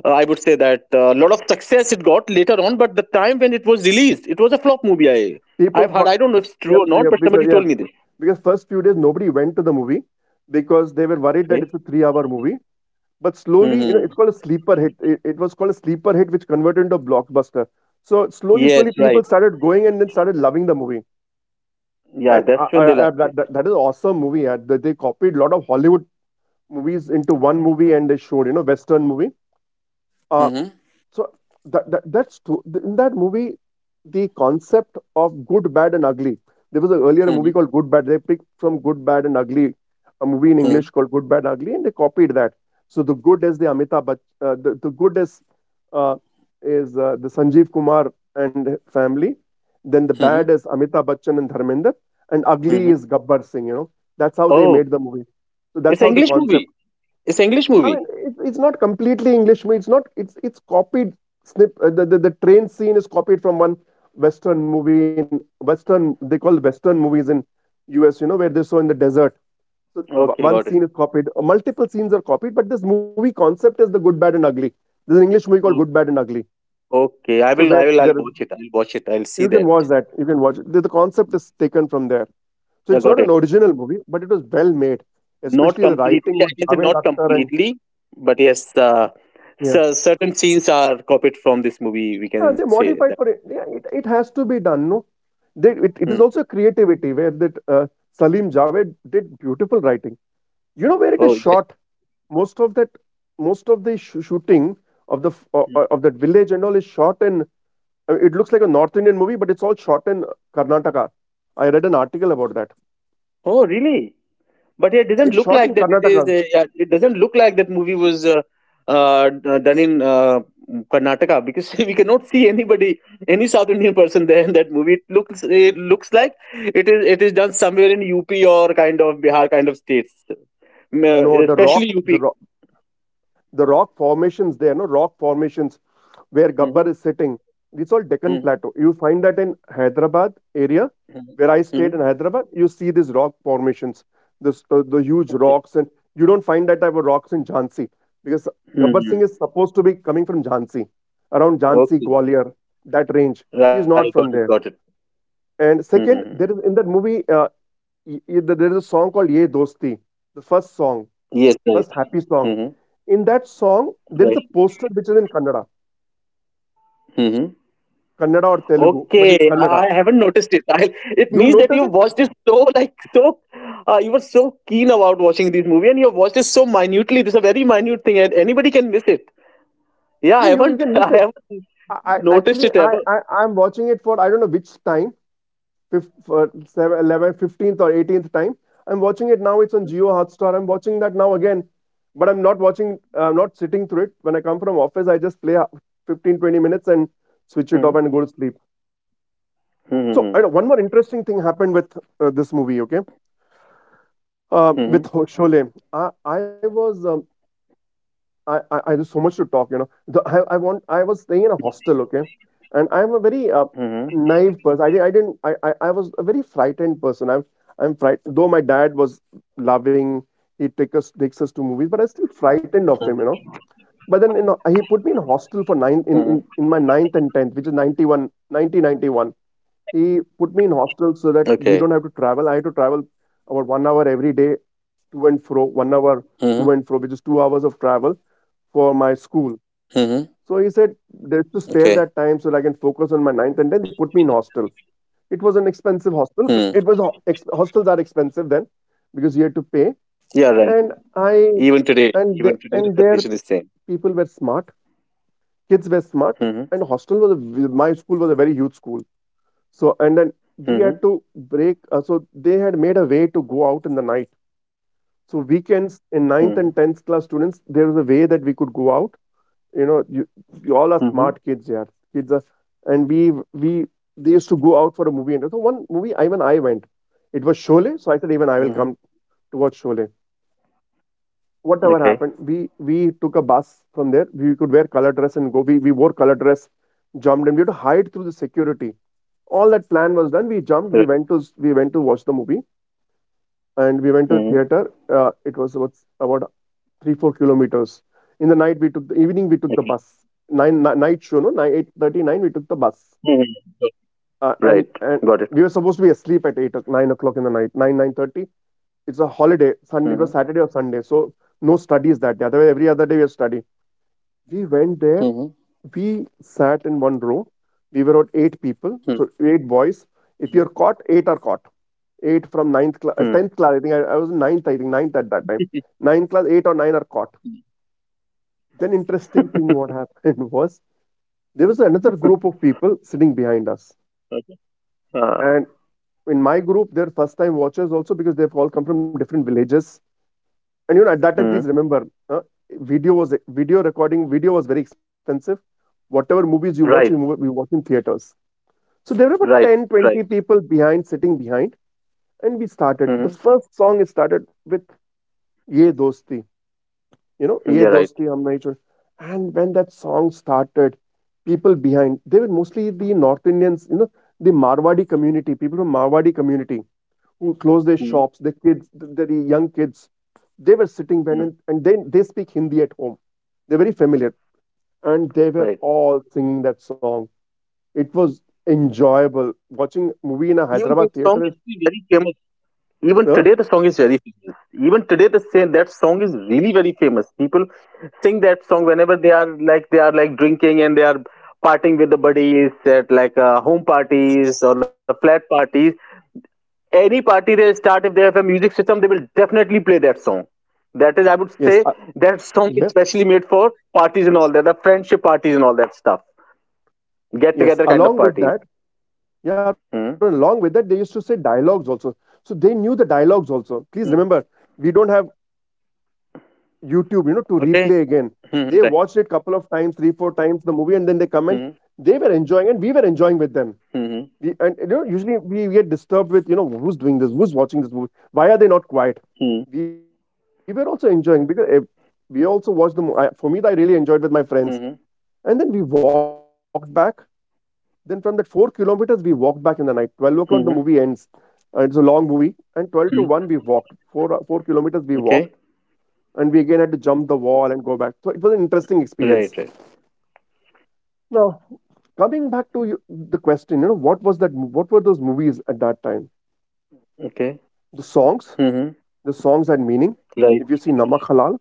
[SPEAKER 1] uh, I would say that lot of success it got later on. But the time when it was released, it was a flop movie.
[SPEAKER 2] people
[SPEAKER 1] I've heard.
[SPEAKER 2] thought.
[SPEAKER 1] I don't know if it's
[SPEAKER 2] Yep,
[SPEAKER 1] true or
[SPEAKER 2] yep,
[SPEAKER 1] not, but
[SPEAKER 2] because
[SPEAKER 1] somebody
[SPEAKER 2] yeah,
[SPEAKER 1] told me this.
[SPEAKER 2] because first few days nobody went to the movie because they were worried that it's
[SPEAKER 1] Okay.
[SPEAKER 2] a 3-hour movie. But slowly, you know, it's
[SPEAKER 1] Hmm.
[SPEAKER 2] called a sleeper hit. It was called a sleeper hit, which converted into a blockbuster. So slowly, slowly,
[SPEAKER 1] Yes,
[SPEAKER 2] people
[SPEAKER 1] right.
[SPEAKER 2] started going and then started loving the movie.
[SPEAKER 1] Yeah,
[SPEAKER 2] And
[SPEAKER 1] that's when they liked
[SPEAKER 2] that,
[SPEAKER 1] it.
[SPEAKER 2] that, that is an awesome movie. They copied a lot of Hollywood movies into one movie and they showed, you know, Western movie. Uh,
[SPEAKER 1] Hmm.
[SPEAKER 2] so that's true. In that movie, the concept of good, bad, and ugly. There was earlier a movie
[SPEAKER 1] Hmm.
[SPEAKER 2] called Good Bad. They picked from Good, Bad, and Ugly, a movie in English
[SPEAKER 1] Hmm.
[SPEAKER 2] called Good, Bad, Ugly, and they copied that. So the good is uh, the Sanjeev Kumar and family. Then the
[SPEAKER 1] Hmm.
[SPEAKER 2] bad is Amitabh Bachchan and Dharmender, and ugly is Gabbar Singh. You know that's how they
[SPEAKER 1] Oh,
[SPEAKER 2] made the movie. So that's
[SPEAKER 1] it's an
[SPEAKER 2] how the
[SPEAKER 1] English
[SPEAKER 2] concept.
[SPEAKER 1] movie. It's an English
[SPEAKER 2] I mean,
[SPEAKER 1] movie.
[SPEAKER 2] it's not completely English movie. It's not. It's copied. Snip, the train scene is copied from one Western movie in Western. They call Western movies in U.S. You know where they show in the desert. So
[SPEAKER 1] Okay, got
[SPEAKER 2] one
[SPEAKER 1] it.
[SPEAKER 2] scene is copied. Multiple scenes are copied, but this movie concept is the good, bad, and ugly. There's an English movie called Good, Bad, and Ugly.
[SPEAKER 1] Okay,
[SPEAKER 2] So where
[SPEAKER 1] I'll
[SPEAKER 2] there is-
[SPEAKER 1] watch it. I'll watch it. I'll
[SPEAKER 2] you
[SPEAKER 1] see
[SPEAKER 2] can
[SPEAKER 1] that.
[SPEAKER 2] watch that. You can watch it. The concept is taken from there. So
[SPEAKER 1] I
[SPEAKER 2] it's
[SPEAKER 1] got
[SPEAKER 2] not an
[SPEAKER 1] it.
[SPEAKER 2] original movie, but it was well made,
[SPEAKER 1] Not
[SPEAKER 2] especially the
[SPEAKER 1] completely.
[SPEAKER 2] writing
[SPEAKER 1] I
[SPEAKER 2] with
[SPEAKER 1] can say
[SPEAKER 2] Javed
[SPEAKER 1] not
[SPEAKER 2] Akhtar and
[SPEAKER 1] completely, but yes,
[SPEAKER 2] yeah.
[SPEAKER 1] so certain scenes are copied from this movie. We can
[SPEAKER 2] Ah, they
[SPEAKER 1] say that.
[SPEAKER 2] modified for it. Yeah, it has to be done. No, it
[SPEAKER 1] Hmm.
[SPEAKER 2] is also creativity where that Salim Javed did beautiful writing. You know where it
[SPEAKER 1] Oh
[SPEAKER 2] is
[SPEAKER 1] yes.
[SPEAKER 2] shot. Most of that, most of the shooting of the f- o- o- of that village and all is shot in. It looks like a North Indian movie, but it's all shot in Karnataka. I read an article about that.
[SPEAKER 1] Oh really? But yeah, it doesn't
[SPEAKER 2] It's
[SPEAKER 1] look
[SPEAKER 2] shot in
[SPEAKER 1] like that it is
[SPEAKER 2] Karnataka.
[SPEAKER 1] a, yeah, it doesn't look like that movie was done in Karnataka, because we cannot see anybody any South Indian person there in that movie. It looks, it looks like it is done somewhere in UP or kind of Bihar kind of states. Mm,
[SPEAKER 2] No, the rock,
[SPEAKER 1] especially
[SPEAKER 2] the
[SPEAKER 1] UP.
[SPEAKER 2] rock, the rock formations there. No rock formations where Gabbar is
[SPEAKER 1] Hmm.
[SPEAKER 2] sitting. It's all Deccan
[SPEAKER 1] Hmm.
[SPEAKER 2] Plateau. You find that in Hyderabad area,
[SPEAKER 1] Hmm.
[SPEAKER 2] where I stayed in
[SPEAKER 1] Hmm.
[SPEAKER 2] Hyderabad, you see these rock formations, the huge
[SPEAKER 1] Okay.
[SPEAKER 2] rocks, and you don't find that type of rocks in Jhansi because Gabbar Singh
[SPEAKER 1] Hmm.
[SPEAKER 2] is supposed to be coming from Jhansi, around Jhansi,
[SPEAKER 1] Okay.
[SPEAKER 2] Gwalior, that range. He is
[SPEAKER 1] Right, got
[SPEAKER 2] not
[SPEAKER 1] it,
[SPEAKER 2] from
[SPEAKER 1] got
[SPEAKER 2] there.
[SPEAKER 1] it.
[SPEAKER 2] And second,
[SPEAKER 1] Hmm.
[SPEAKER 2] there is in that movie, there is a song called Ye Dosti, the first song,
[SPEAKER 1] Yes, right.
[SPEAKER 2] first happy song.
[SPEAKER 1] Hmm.
[SPEAKER 2] In that song, there is a
[SPEAKER 1] Right.
[SPEAKER 2] poster which is in Kannada.
[SPEAKER 1] Mm-hmm.
[SPEAKER 2] Kannada or Telugu, but it's
[SPEAKER 1] Okay,
[SPEAKER 2] Kannada.
[SPEAKER 1] I haven't noticed it. It
[SPEAKER 2] You
[SPEAKER 1] means that
[SPEAKER 2] notice it?
[SPEAKER 1] you've watched it so like so, you were so keen about watching this movie, and you have watched it so minutely. This is a very minute thing, and anybody can miss it. Yeah, I
[SPEAKER 2] You
[SPEAKER 1] haven't,
[SPEAKER 2] can
[SPEAKER 1] I
[SPEAKER 2] miss it.
[SPEAKER 1] haven't
[SPEAKER 2] I, I
[SPEAKER 1] noticed
[SPEAKER 2] actually
[SPEAKER 1] it
[SPEAKER 2] I,
[SPEAKER 1] ever.
[SPEAKER 2] I I'm watching it for I don't know which time, fifth, for seven, 11, 15th or 18th time. I'm watching it now. It's on Geo Hotstar. I'm watching that now again, but I'm not watching. I'm not sitting through it. When I come from office, I just play 15 20 minutes and switch it off and go to
[SPEAKER 1] Mm-hmm.
[SPEAKER 2] sleep. So I
[SPEAKER 1] Mm-hmm.
[SPEAKER 2] know, one more interesting thing happened with this movie. Okay,
[SPEAKER 1] Mm-hmm.
[SPEAKER 2] With Sholay. I I was I there's so much to talk. The I want I was staying in a hostel, okay? And I'm a very,
[SPEAKER 1] Mm-hmm.
[SPEAKER 2] naive person. I didn't I didn't I was a very frightened person. I'm frightened though my dad was loving, he takes us to movies, but I was still frightened of him. But then, you know, he put me in a
[SPEAKER 1] Mm-hmm.
[SPEAKER 2] hostel for 9 in my ninth and 10th, which is 91 1991. He put me in hostel
[SPEAKER 1] Okay.
[SPEAKER 2] so that we don't have to travel. I had to travel about 1 hour every day to and fro, 1 hour
[SPEAKER 1] Mm-hmm.
[SPEAKER 2] to and fro, which is 2 hours of travel for my school.
[SPEAKER 1] Mm-hmm.
[SPEAKER 2] So he said, there's to
[SPEAKER 1] Okay.
[SPEAKER 2] spare that time so that I can focus on my ninth and tenth. They put me in hostel. It was an expensive hostel,
[SPEAKER 1] Hmm.
[SPEAKER 2] but It was ho- ex- hostels are expensive then because you had to pay.
[SPEAKER 1] Yeah, right.
[SPEAKER 2] And
[SPEAKER 1] Even today, even today, the
[SPEAKER 2] their
[SPEAKER 1] condition is same.
[SPEAKER 2] people were smart. Kids were smart.
[SPEAKER 1] Mm-hmm.
[SPEAKER 2] And hostel was my school was a very huge school. So and then we had
[SPEAKER 1] Mm-hmm.
[SPEAKER 2] to break. So they had made a way to go out in the night. So weekends in
[SPEAKER 1] Mm-hmm.
[SPEAKER 2] ninth and tenth class students, there was a way that we could go out. You know, you all are
[SPEAKER 1] Mm-hmm.
[SPEAKER 2] smart kids, yeah. Kids are, and we they used to go out for a movie. And so one movie, I went. It was Sholay, so I said even I
[SPEAKER 1] Mm-hmm.
[SPEAKER 2] will come to watch Sholay. Whatever
[SPEAKER 1] Okay.
[SPEAKER 2] happened, we took a bus from there. We could wear color dress and go. We wore color dress, jumped, and we had to hide through the security. All that plan was done. We
[SPEAKER 1] Right.
[SPEAKER 2] jumped. We went to watch the movie, and we went to a
[SPEAKER 1] Mm-hmm.
[SPEAKER 2] theater. It was about about 3 4 kilometers. In the night, we took the evening, we took
[SPEAKER 1] Okay.
[SPEAKER 2] the bus. Nine, night show, no? Nine, 8:39, we took the bus.
[SPEAKER 1] Mm-hmm.
[SPEAKER 2] Uh,
[SPEAKER 1] Right.
[SPEAKER 2] and, and
[SPEAKER 1] Got it.
[SPEAKER 2] we were supposed to be asleep at 9 o'clock in the night, 9:30. It's a holiday. It
[SPEAKER 1] Hmm.
[SPEAKER 2] was Saturday or Sunday. So no studies that day. Otherwise, every other day we have study. We went there.
[SPEAKER 1] Hmm.
[SPEAKER 2] We sat in one row. We were out eight people.
[SPEAKER 1] Hmm.
[SPEAKER 2] So eight boys. If you're caught, eight are caught. Eight from ninth class,
[SPEAKER 1] Hmm. Hmm.
[SPEAKER 2] tenth class. I think I was in ninth. I think ninth at that time. Ninth class, eight or nine are caught. Then interesting thing what happened was there was another group of people sitting behind us.
[SPEAKER 1] Okay. Uh,
[SPEAKER 2] And in my group, they're first time watchers also because they've all come from different villages. And you know, at that time,
[SPEAKER 1] hmm.
[SPEAKER 2] please remember, uh, video was video recording, video was very expensive. Whatever movies you watch,
[SPEAKER 1] Right.
[SPEAKER 2] we watch in theaters. So there were about
[SPEAKER 1] Right.
[SPEAKER 2] 10, 20
[SPEAKER 1] Right.
[SPEAKER 2] people behind, sitting behind. And we started. The
[SPEAKER 1] Hmm.
[SPEAKER 2] first song is started with Ye Dosti. You know, "Ye
[SPEAKER 1] Yeah. Right.
[SPEAKER 2] Dosti Hum Nahi Chhod," and when that song started, people behind, they were mostly the North Indians, you know, the Marwadi community, people from Marwadi community who closed their
[SPEAKER 1] Hmm.
[SPEAKER 2] shops, their kids, their young kids, they were sitting behind, and
[SPEAKER 1] Hmm.
[SPEAKER 2] and then they speak Hindi at home. They're very familiar and they were
[SPEAKER 1] Right.
[SPEAKER 2] all singing that song. It was enjoyable. Watching movie in a
[SPEAKER 1] Even that
[SPEAKER 2] Hyderabad
[SPEAKER 1] song is
[SPEAKER 2] theater is.
[SPEAKER 1] still very famous. Even
[SPEAKER 2] Huh?
[SPEAKER 1] today, the song is very famous. Even today, the same that song is really very famous. People sing that song whenever they are drinking and they are partying with the buddies at home parties or the flat parties. Any party they start, if they have a music system they will definitely play that song. That is I would say
[SPEAKER 2] Yes,
[SPEAKER 1] that song is specially
[SPEAKER 2] yes,
[SPEAKER 1] made for parties and all that, the friendship parties and all that stuff, get together kind of
[SPEAKER 2] yes.
[SPEAKER 1] parties.
[SPEAKER 2] Along with that Yeah, Arun,
[SPEAKER 1] Hmm.
[SPEAKER 2] along with that, they used to say dialogues also. So they knew the dialogues also.
[SPEAKER 1] Hmm.
[SPEAKER 2] Please remember, we don't have YouTube, to replay again.
[SPEAKER 1] Okay.
[SPEAKER 2] They
[SPEAKER 1] Hmm.
[SPEAKER 2] watched it
[SPEAKER 1] Right.
[SPEAKER 2] couple of times, three, four times the movie, and then they comment.
[SPEAKER 1] Hmm.
[SPEAKER 2] They were enjoying, and we were enjoying with them.
[SPEAKER 1] Hmm.
[SPEAKER 2] We, and you know, Usually we get disturbed with, who's doing this, who's watching this movie, why are they not quiet?
[SPEAKER 1] Hmm.
[SPEAKER 2] We were also enjoying because eh, we also watched the. Mo- I, for me, I really enjoyed with my friends,
[SPEAKER 1] Hmm.
[SPEAKER 2] and then we walked back then from that 4 kilometers, we walked back in the night. 12 o'clock, the movie ends.
[SPEAKER 1] Hmm.
[SPEAKER 2] It's a long movie. And 12 to 1, we walked.
[SPEAKER 1] Hmm.
[SPEAKER 2] Four kilometers, we walked.
[SPEAKER 1] Okay.
[SPEAKER 2] And we again had to jump the wall and go back. So it was an interesting experience.
[SPEAKER 1] Right. Right.
[SPEAKER 2] Now, coming back to you, the question, what was that? What were those movies at that time?
[SPEAKER 1] Okay.
[SPEAKER 2] The songs,
[SPEAKER 1] Hmm.
[SPEAKER 2] the songs had meaning.
[SPEAKER 1] Right.
[SPEAKER 2] If you see Namak Halal,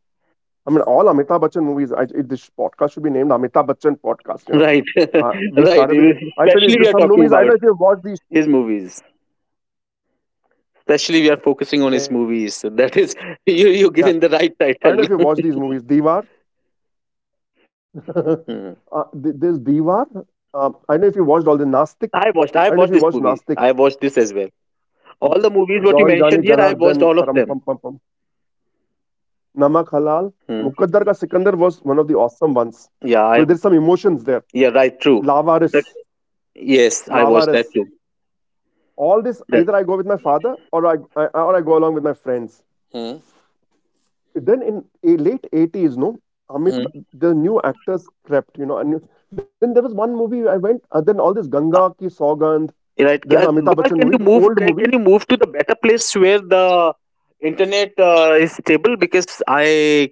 [SPEAKER 2] I mean, all Amitabh Bachchan movies. This podcast should be named Amitabh Bachchan podcast.
[SPEAKER 1] Right.
[SPEAKER 2] We
[SPEAKER 1] Right.
[SPEAKER 2] started with. I tell you,
[SPEAKER 1] Especially we
[SPEAKER 2] there's
[SPEAKER 1] are
[SPEAKER 2] some
[SPEAKER 1] talking
[SPEAKER 2] movies. I don't
[SPEAKER 1] about
[SPEAKER 2] know if you've watched these.
[SPEAKER 1] his movies
[SPEAKER 2] Yeah, I don't know if you watch
[SPEAKER 1] especially
[SPEAKER 2] these
[SPEAKER 1] we are
[SPEAKER 2] movies.
[SPEAKER 1] focusing on
[SPEAKER 2] Diwar.
[SPEAKER 1] his movies, so that is you given the
[SPEAKER 2] Yeah.
[SPEAKER 1] right title. Hmm.
[SPEAKER 2] There's Diwar. I don't know if you watched all the Nastik. I don't know if you
[SPEAKER 1] I
[SPEAKER 2] watched
[SPEAKER 1] watched. I
[SPEAKER 2] Nastik.
[SPEAKER 1] watched this movie. I watched this as well.
[SPEAKER 2] John,
[SPEAKER 1] All the
[SPEAKER 2] Johnny,
[SPEAKER 1] movies what you
[SPEAKER 2] Janardhan,
[SPEAKER 1] mentioned here,
[SPEAKER 2] Taram
[SPEAKER 1] I
[SPEAKER 2] Pam Pam
[SPEAKER 1] watched all
[SPEAKER 2] Pam.
[SPEAKER 1] of them.
[SPEAKER 2] Namak Halal. Mukaddar Ka
[SPEAKER 1] Hmm.
[SPEAKER 2] Sikandar was one of the awesome ones. Where
[SPEAKER 1] Yeah,
[SPEAKER 2] there's
[SPEAKER 1] I
[SPEAKER 2] some emotions there.
[SPEAKER 1] yeah, right, true.
[SPEAKER 2] Lavaris.
[SPEAKER 1] That, yes, I watched that
[SPEAKER 2] Lavaris.
[SPEAKER 1] too.
[SPEAKER 2] All this,
[SPEAKER 1] That
[SPEAKER 2] either I go with my father or I go along with my friends.
[SPEAKER 1] Hmm.
[SPEAKER 2] Then in a late 80s, no, amit
[SPEAKER 1] Hmm.
[SPEAKER 2] the new actors crept, and then there was one movie I went, then all this Ganga
[SPEAKER 1] Uh,
[SPEAKER 2] Ki Saugandh,
[SPEAKER 1] right,
[SPEAKER 2] there's Amitabh Bachchan
[SPEAKER 1] Gopal,
[SPEAKER 2] movie
[SPEAKER 1] can you
[SPEAKER 2] but
[SPEAKER 1] move?
[SPEAKER 2] old
[SPEAKER 1] Can,
[SPEAKER 2] movie.
[SPEAKER 1] can you move to the better place where the internet is stable? Because I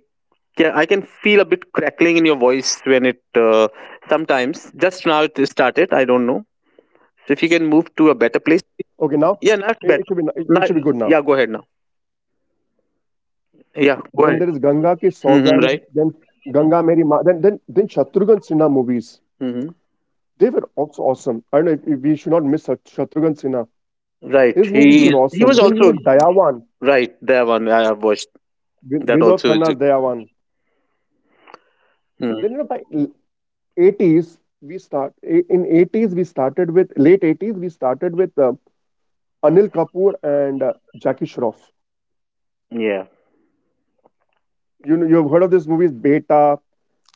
[SPEAKER 1] can, I can feel a bit crackling in your voice when it sometimes just now it started. I don't know. So if you can move to a better
[SPEAKER 2] Okay,
[SPEAKER 1] place,
[SPEAKER 2] now it, it should
[SPEAKER 1] yeah,
[SPEAKER 2] be
[SPEAKER 1] that's
[SPEAKER 2] it,
[SPEAKER 1] better.
[SPEAKER 2] it should be good now.
[SPEAKER 1] Now, yeah, go ahead now.
[SPEAKER 2] Then
[SPEAKER 1] Yeah,
[SPEAKER 2] there is
[SPEAKER 1] go ahead.
[SPEAKER 2] Ganga Ki Saugandh,
[SPEAKER 1] Hmm. Right.
[SPEAKER 2] then Ganga Meri Ma, then Shatrughan Sinha movies,
[SPEAKER 1] Hmm.
[SPEAKER 2] they were also awesome. I don't know if we should not miss Shatrughan Sinha. His
[SPEAKER 1] Right.
[SPEAKER 2] movies were
[SPEAKER 1] He
[SPEAKER 2] awesome.
[SPEAKER 1] was
[SPEAKER 2] Then you had
[SPEAKER 1] also
[SPEAKER 2] Dayawan.
[SPEAKER 1] right. That one I have watched. That
[SPEAKER 2] Vinod
[SPEAKER 1] also is.
[SPEAKER 2] Khanna's
[SPEAKER 1] A.
[SPEAKER 2] Dayawan.
[SPEAKER 1] Mhm.
[SPEAKER 2] Then, by 80s we start in 80s, we started with late 80s, we started with Anil Kapoor and Jackie Shroff.
[SPEAKER 1] Yeah.
[SPEAKER 2] You know you've heard of this movie Beta.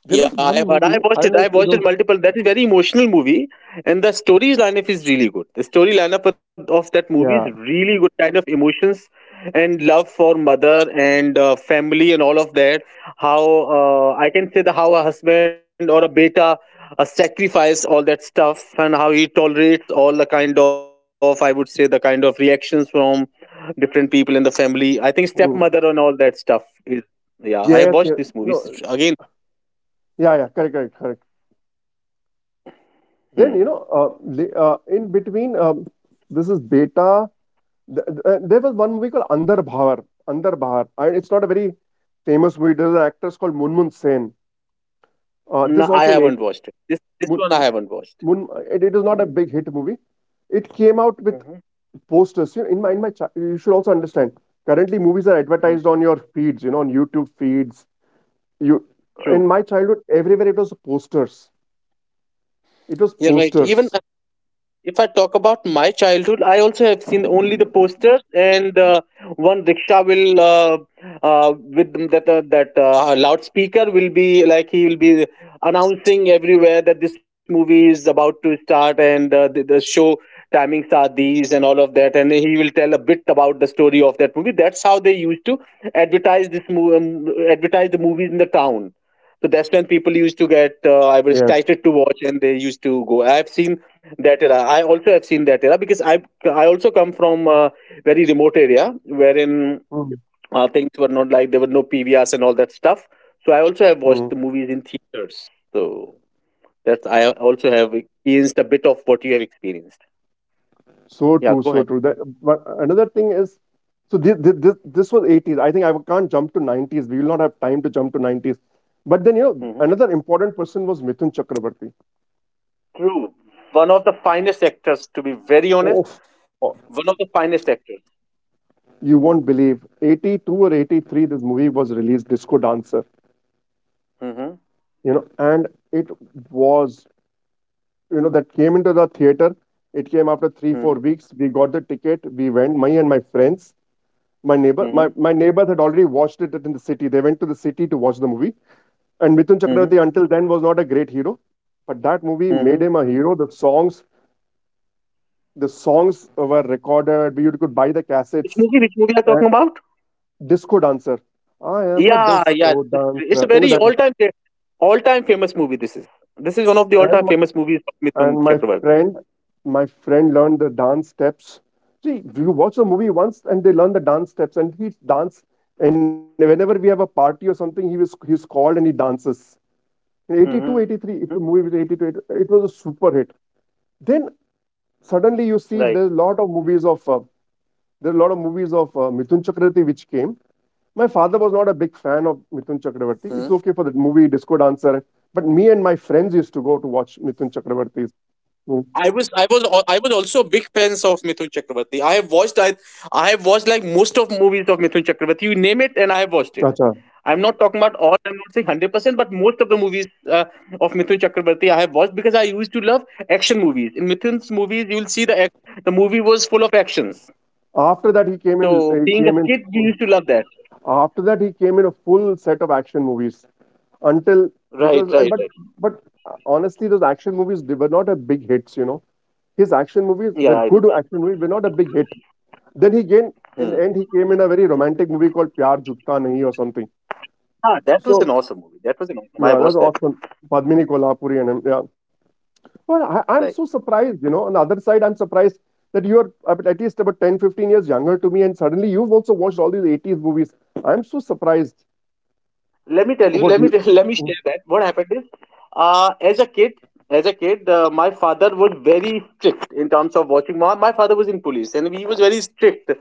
[SPEAKER 2] There was one
[SPEAKER 1] But I
[SPEAKER 2] movie I
[SPEAKER 1] watched it.
[SPEAKER 2] don't know
[SPEAKER 1] I
[SPEAKER 2] if you
[SPEAKER 1] watched it
[SPEAKER 2] know.
[SPEAKER 1] multiple. That's very emotional movie, and the story lineup is really good. The story lineup of that movie is
[SPEAKER 2] Yeah.
[SPEAKER 1] really good. Kind of emotions and love for mother and family and all of that. How I can say the how a husband or a beta sacrifice all that stuff, and how he tolerates all the kind of, I would say, the kind of reactions from different people in the family. I think
[SPEAKER 2] Mm.
[SPEAKER 1] stepmother and all that stuff is, yeah. I
[SPEAKER 2] Yes. Yes.
[SPEAKER 1] watched this movie
[SPEAKER 2] No.
[SPEAKER 1] again.
[SPEAKER 2] Yeah. Yeah. Correct. Correct. Correct. Then you
[SPEAKER 1] Hmm.
[SPEAKER 2] know uh, the, uh, in between, this is Beta. There was one movie called Andar Bhavar. Andar Bhavar. And it's not a very famous movie. There's an actress called Munmun Sen.
[SPEAKER 1] No,
[SPEAKER 2] This
[SPEAKER 1] I
[SPEAKER 2] also in
[SPEAKER 1] haven't
[SPEAKER 2] 80.
[SPEAKER 1] watched it. This one I haven't watched.
[SPEAKER 2] It is not a big hit movie. It came out with
[SPEAKER 1] Hmm.
[SPEAKER 2] posters. You know, you should also understand. Currently, movies are advertised on your feeds. You know, on YouTube feeds. You
[SPEAKER 1] True.
[SPEAKER 2] In my childhood, everywhere it was posters. It was
[SPEAKER 1] You're right. Even
[SPEAKER 2] posters.
[SPEAKER 1] if I talk about my childhood, I also have seen only the posters and one rickshaw will with that loudspeaker, will be like he will be announcing everywhere that this movie is about to start, and the show timings are these and all of that, and he will tell a bit about the story of that movie. That's how they used to advertise this movie, advertise the movies in the town. So that's when people used to get I was
[SPEAKER 2] Yeah.
[SPEAKER 1] excited to watch and they used to go. I've seen that era. I also have seen that era because I also come from a very remote area wherein
[SPEAKER 2] Mm.
[SPEAKER 1] things were not like, there were no PVRs and all that stuff. So I also have watched
[SPEAKER 2] Mm.
[SPEAKER 1] the movies in theaters. So that's, I also have experienced a bit of what you have experienced.
[SPEAKER 2] So
[SPEAKER 1] Yeah,
[SPEAKER 2] true.
[SPEAKER 1] go
[SPEAKER 2] So
[SPEAKER 1] ahead.
[SPEAKER 2] true. But another thing is, so this was 80s. I think I can't jump to 90s. We will not have time to jump to 90s. But then,
[SPEAKER 1] Mm-hmm.
[SPEAKER 2] another important person was Mithun Chakraborty.
[SPEAKER 1] True, one of the finest actors, to be very honest,
[SPEAKER 2] Oh,
[SPEAKER 1] one of the finest actors.
[SPEAKER 2] you won't believe 82 or 83 this movie was released, Disco Dancer,
[SPEAKER 1] Mm-hmm.
[SPEAKER 2] and it was, that came into the theater. It came after 3
[SPEAKER 1] Mm-hmm.
[SPEAKER 2] 4 weeks we got the ticket, we went, me and my friends. my neighbor
[SPEAKER 1] Mm-hmm.
[SPEAKER 2] my, my neighbors had already watched it in the city. They went to the city to watch the movie, and Mithun Chakravarti until then was not a great hero, but that movie
[SPEAKER 1] Mm-hmm.
[SPEAKER 2] made him a hero. The songs were recorded. You could buy the
[SPEAKER 1] Which
[SPEAKER 2] cassettes.
[SPEAKER 1] movie? Which movie are you
[SPEAKER 2] uh,
[SPEAKER 1] talking about?
[SPEAKER 2] Disco Dancer. I am a
[SPEAKER 1] Yeah, yeah.
[SPEAKER 2] disco
[SPEAKER 1] It's a
[SPEAKER 2] dancer, you know
[SPEAKER 1] very
[SPEAKER 2] that.
[SPEAKER 1] all-time famous movie. This is one of the
[SPEAKER 2] and
[SPEAKER 1] all-time famous movies of
[SPEAKER 2] and
[SPEAKER 1] Mithun
[SPEAKER 2] my
[SPEAKER 1] Chakravarti.
[SPEAKER 2] friend my friend learned the dance steps. See, you watch a movie once and they learn the dance steps and he dance. And whenever we have a party or something, he's called and he dances. In 82
[SPEAKER 1] Hmm.
[SPEAKER 2] eighty-three, if the movie was 82 83, it was a super hit. Then
[SPEAKER 1] Right.
[SPEAKER 2] suddenly you see there are a lot of movies of Mithun Chakravarti which came. My father was not a big
[SPEAKER 1] Hmm.
[SPEAKER 2] fan of Mithun Chakravarti, it's okay for the movie Disco Dancer, but me and my friends used to go to watch Mithun Chakravarti's. Hmm.
[SPEAKER 1] I was also big fans of Mithun Chakravarti. I have watched like most of movies of Mithun Chakravarti. You name it, and I have watched it. I'm
[SPEAKER 2] Acha.
[SPEAKER 1] not talking about all. I'm not saying 100%, but most of the movies uh, of Mithun Chakravarti I have watched, because I used to love action movies. In Mithun's movies, you will see the movie was full of actions.
[SPEAKER 2] After that, he came in.
[SPEAKER 1] So
[SPEAKER 2] He
[SPEAKER 1] being a
[SPEAKER 2] came in.
[SPEAKER 1] kid, we used to love that.
[SPEAKER 2] After that, he came in a full set of action movies. until because
[SPEAKER 1] Right,
[SPEAKER 2] and
[SPEAKER 1] right,
[SPEAKER 2] but
[SPEAKER 1] right.
[SPEAKER 2] but honestly, those action movies, they were not a big hits. You know, his action movies were
[SPEAKER 1] Yeah, I know.
[SPEAKER 2] good action movies, were not a big hit. Then he gained in
[SPEAKER 1] Hmm.
[SPEAKER 2] the end he came in a very romantic movie called Pyar Jukta Nahi or something.
[SPEAKER 1] Ah, that was an
[SPEAKER 2] So
[SPEAKER 1] awesome movie. That was an awesome. I
[SPEAKER 2] yeah, that's
[SPEAKER 1] watched that too.
[SPEAKER 2] awesome. Padmini Kolhapuri and him, yeah. Well, I'm so
[SPEAKER 1] Right.
[SPEAKER 2] surprised, you know. On the other side, I'm surprised that you're at least about 10, 15 years younger to me, and suddenly you've also watched all these 80s movies. I'm so surprised
[SPEAKER 1] Let me tell you.
[SPEAKER 2] about
[SPEAKER 1] Let me
[SPEAKER 2] you.
[SPEAKER 1] let me
[SPEAKER 2] Mm,
[SPEAKER 1] share that. What happened is, as a kid, my father was very strict in terms of watching. My father was in police, and he was very strict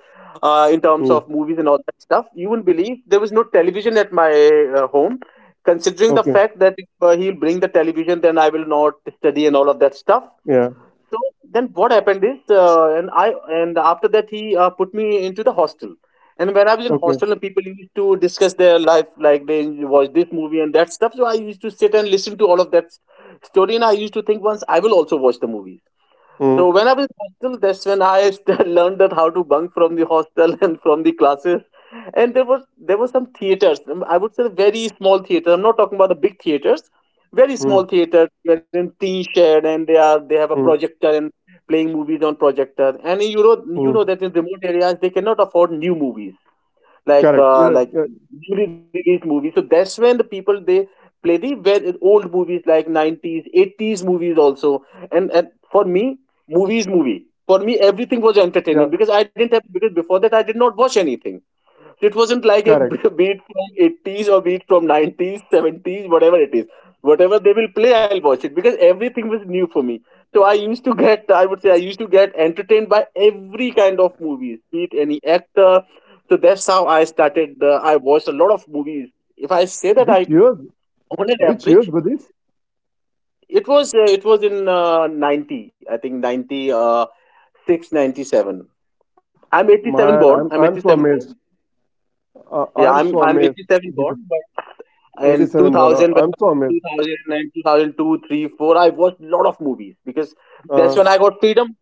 [SPEAKER 1] in terms
[SPEAKER 2] mm,
[SPEAKER 1] of movies and all that stuff. You wouldn't believe there was no television at my home. Considering the
[SPEAKER 2] okay.
[SPEAKER 1] fact that if he'll bring the television, then I will not study and all of that stuff.
[SPEAKER 2] Yeah.
[SPEAKER 1] So then what happened is, and after that he put me into the hostel. And when I was in
[SPEAKER 2] Okay.
[SPEAKER 1] hostel, and people used to discuss their life, like they watch this movie and that stuff. So I used to sit and listen to all of story, and I used to think once I will also watch the movie. So
[SPEAKER 2] Mm,
[SPEAKER 1] when I was in hostel, that's when learned that how to bunk from the hostel and from the classes. And there were some theaters. I would say very small theaters. I'm not talking about the big theaters. Very
[SPEAKER 2] mm,
[SPEAKER 1] small theaters wherein teen shared, and they have a
[SPEAKER 2] mm,
[SPEAKER 1] projector and playing movies on projector. And
[SPEAKER 2] mm.
[SPEAKER 1] you know that in remote areas they cannot afford new movies,
[SPEAKER 2] Correct. Yeah,
[SPEAKER 1] like
[SPEAKER 2] yeah.
[SPEAKER 1] newly released movies. So that's when the people, they play the very old movies like 90s, 80s movies also. And for me, movies movie. Movie. for me, everything was
[SPEAKER 2] Yeah.
[SPEAKER 1] entertainment because I didn't have, because before that I did not watch anything. It wasn't like a
[SPEAKER 2] Correct.
[SPEAKER 1] beat from 80s or beat from 90s, 70s, whatever it is. Whatever they will play, I'll watch it because everything was new for me. So I used to get, I would say, I used to get entertained by every kind of movies, be it any actor. So that's how I started. I watched a lot of movies. If I say that
[SPEAKER 2] Which
[SPEAKER 1] I,
[SPEAKER 2] years?
[SPEAKER 1] on an
[SPEAKER 2] Which years
[SPEAKER 1] average,
[SPEAKER 2] were these?
[SPEAKER 1] it was in 90, I think 90, 697. I'm 87
[SPEAKER 2] Man,
[SPEAKER 1] born.
[SPEAKER 2] I'm
[SPEAKER 1] I'm
[SPEAKER 2] I'm so
[SPEAKER 1] 87 born.
[SPEAKER 2] amazed.
[SPEAKER 1] Yeah,
[SPEAKER 2] I'm so
[SPEAKER 1] I'm
[SPEAKER 2] amazed.
[SPEAKER 1] 87 born.
[SPEAKER 2] Because
[SPEAKER 1] And
[SPEAKER 2] 87 born.
[SPEAKER 1] 2000, when
[SPEAKER 2] I'm so amazed.
[SPEAKER 1] 2000 I watched a lot of movies because that's when
[SPEAKER 2] Uh,
[SPEAKER 1] I got freedom.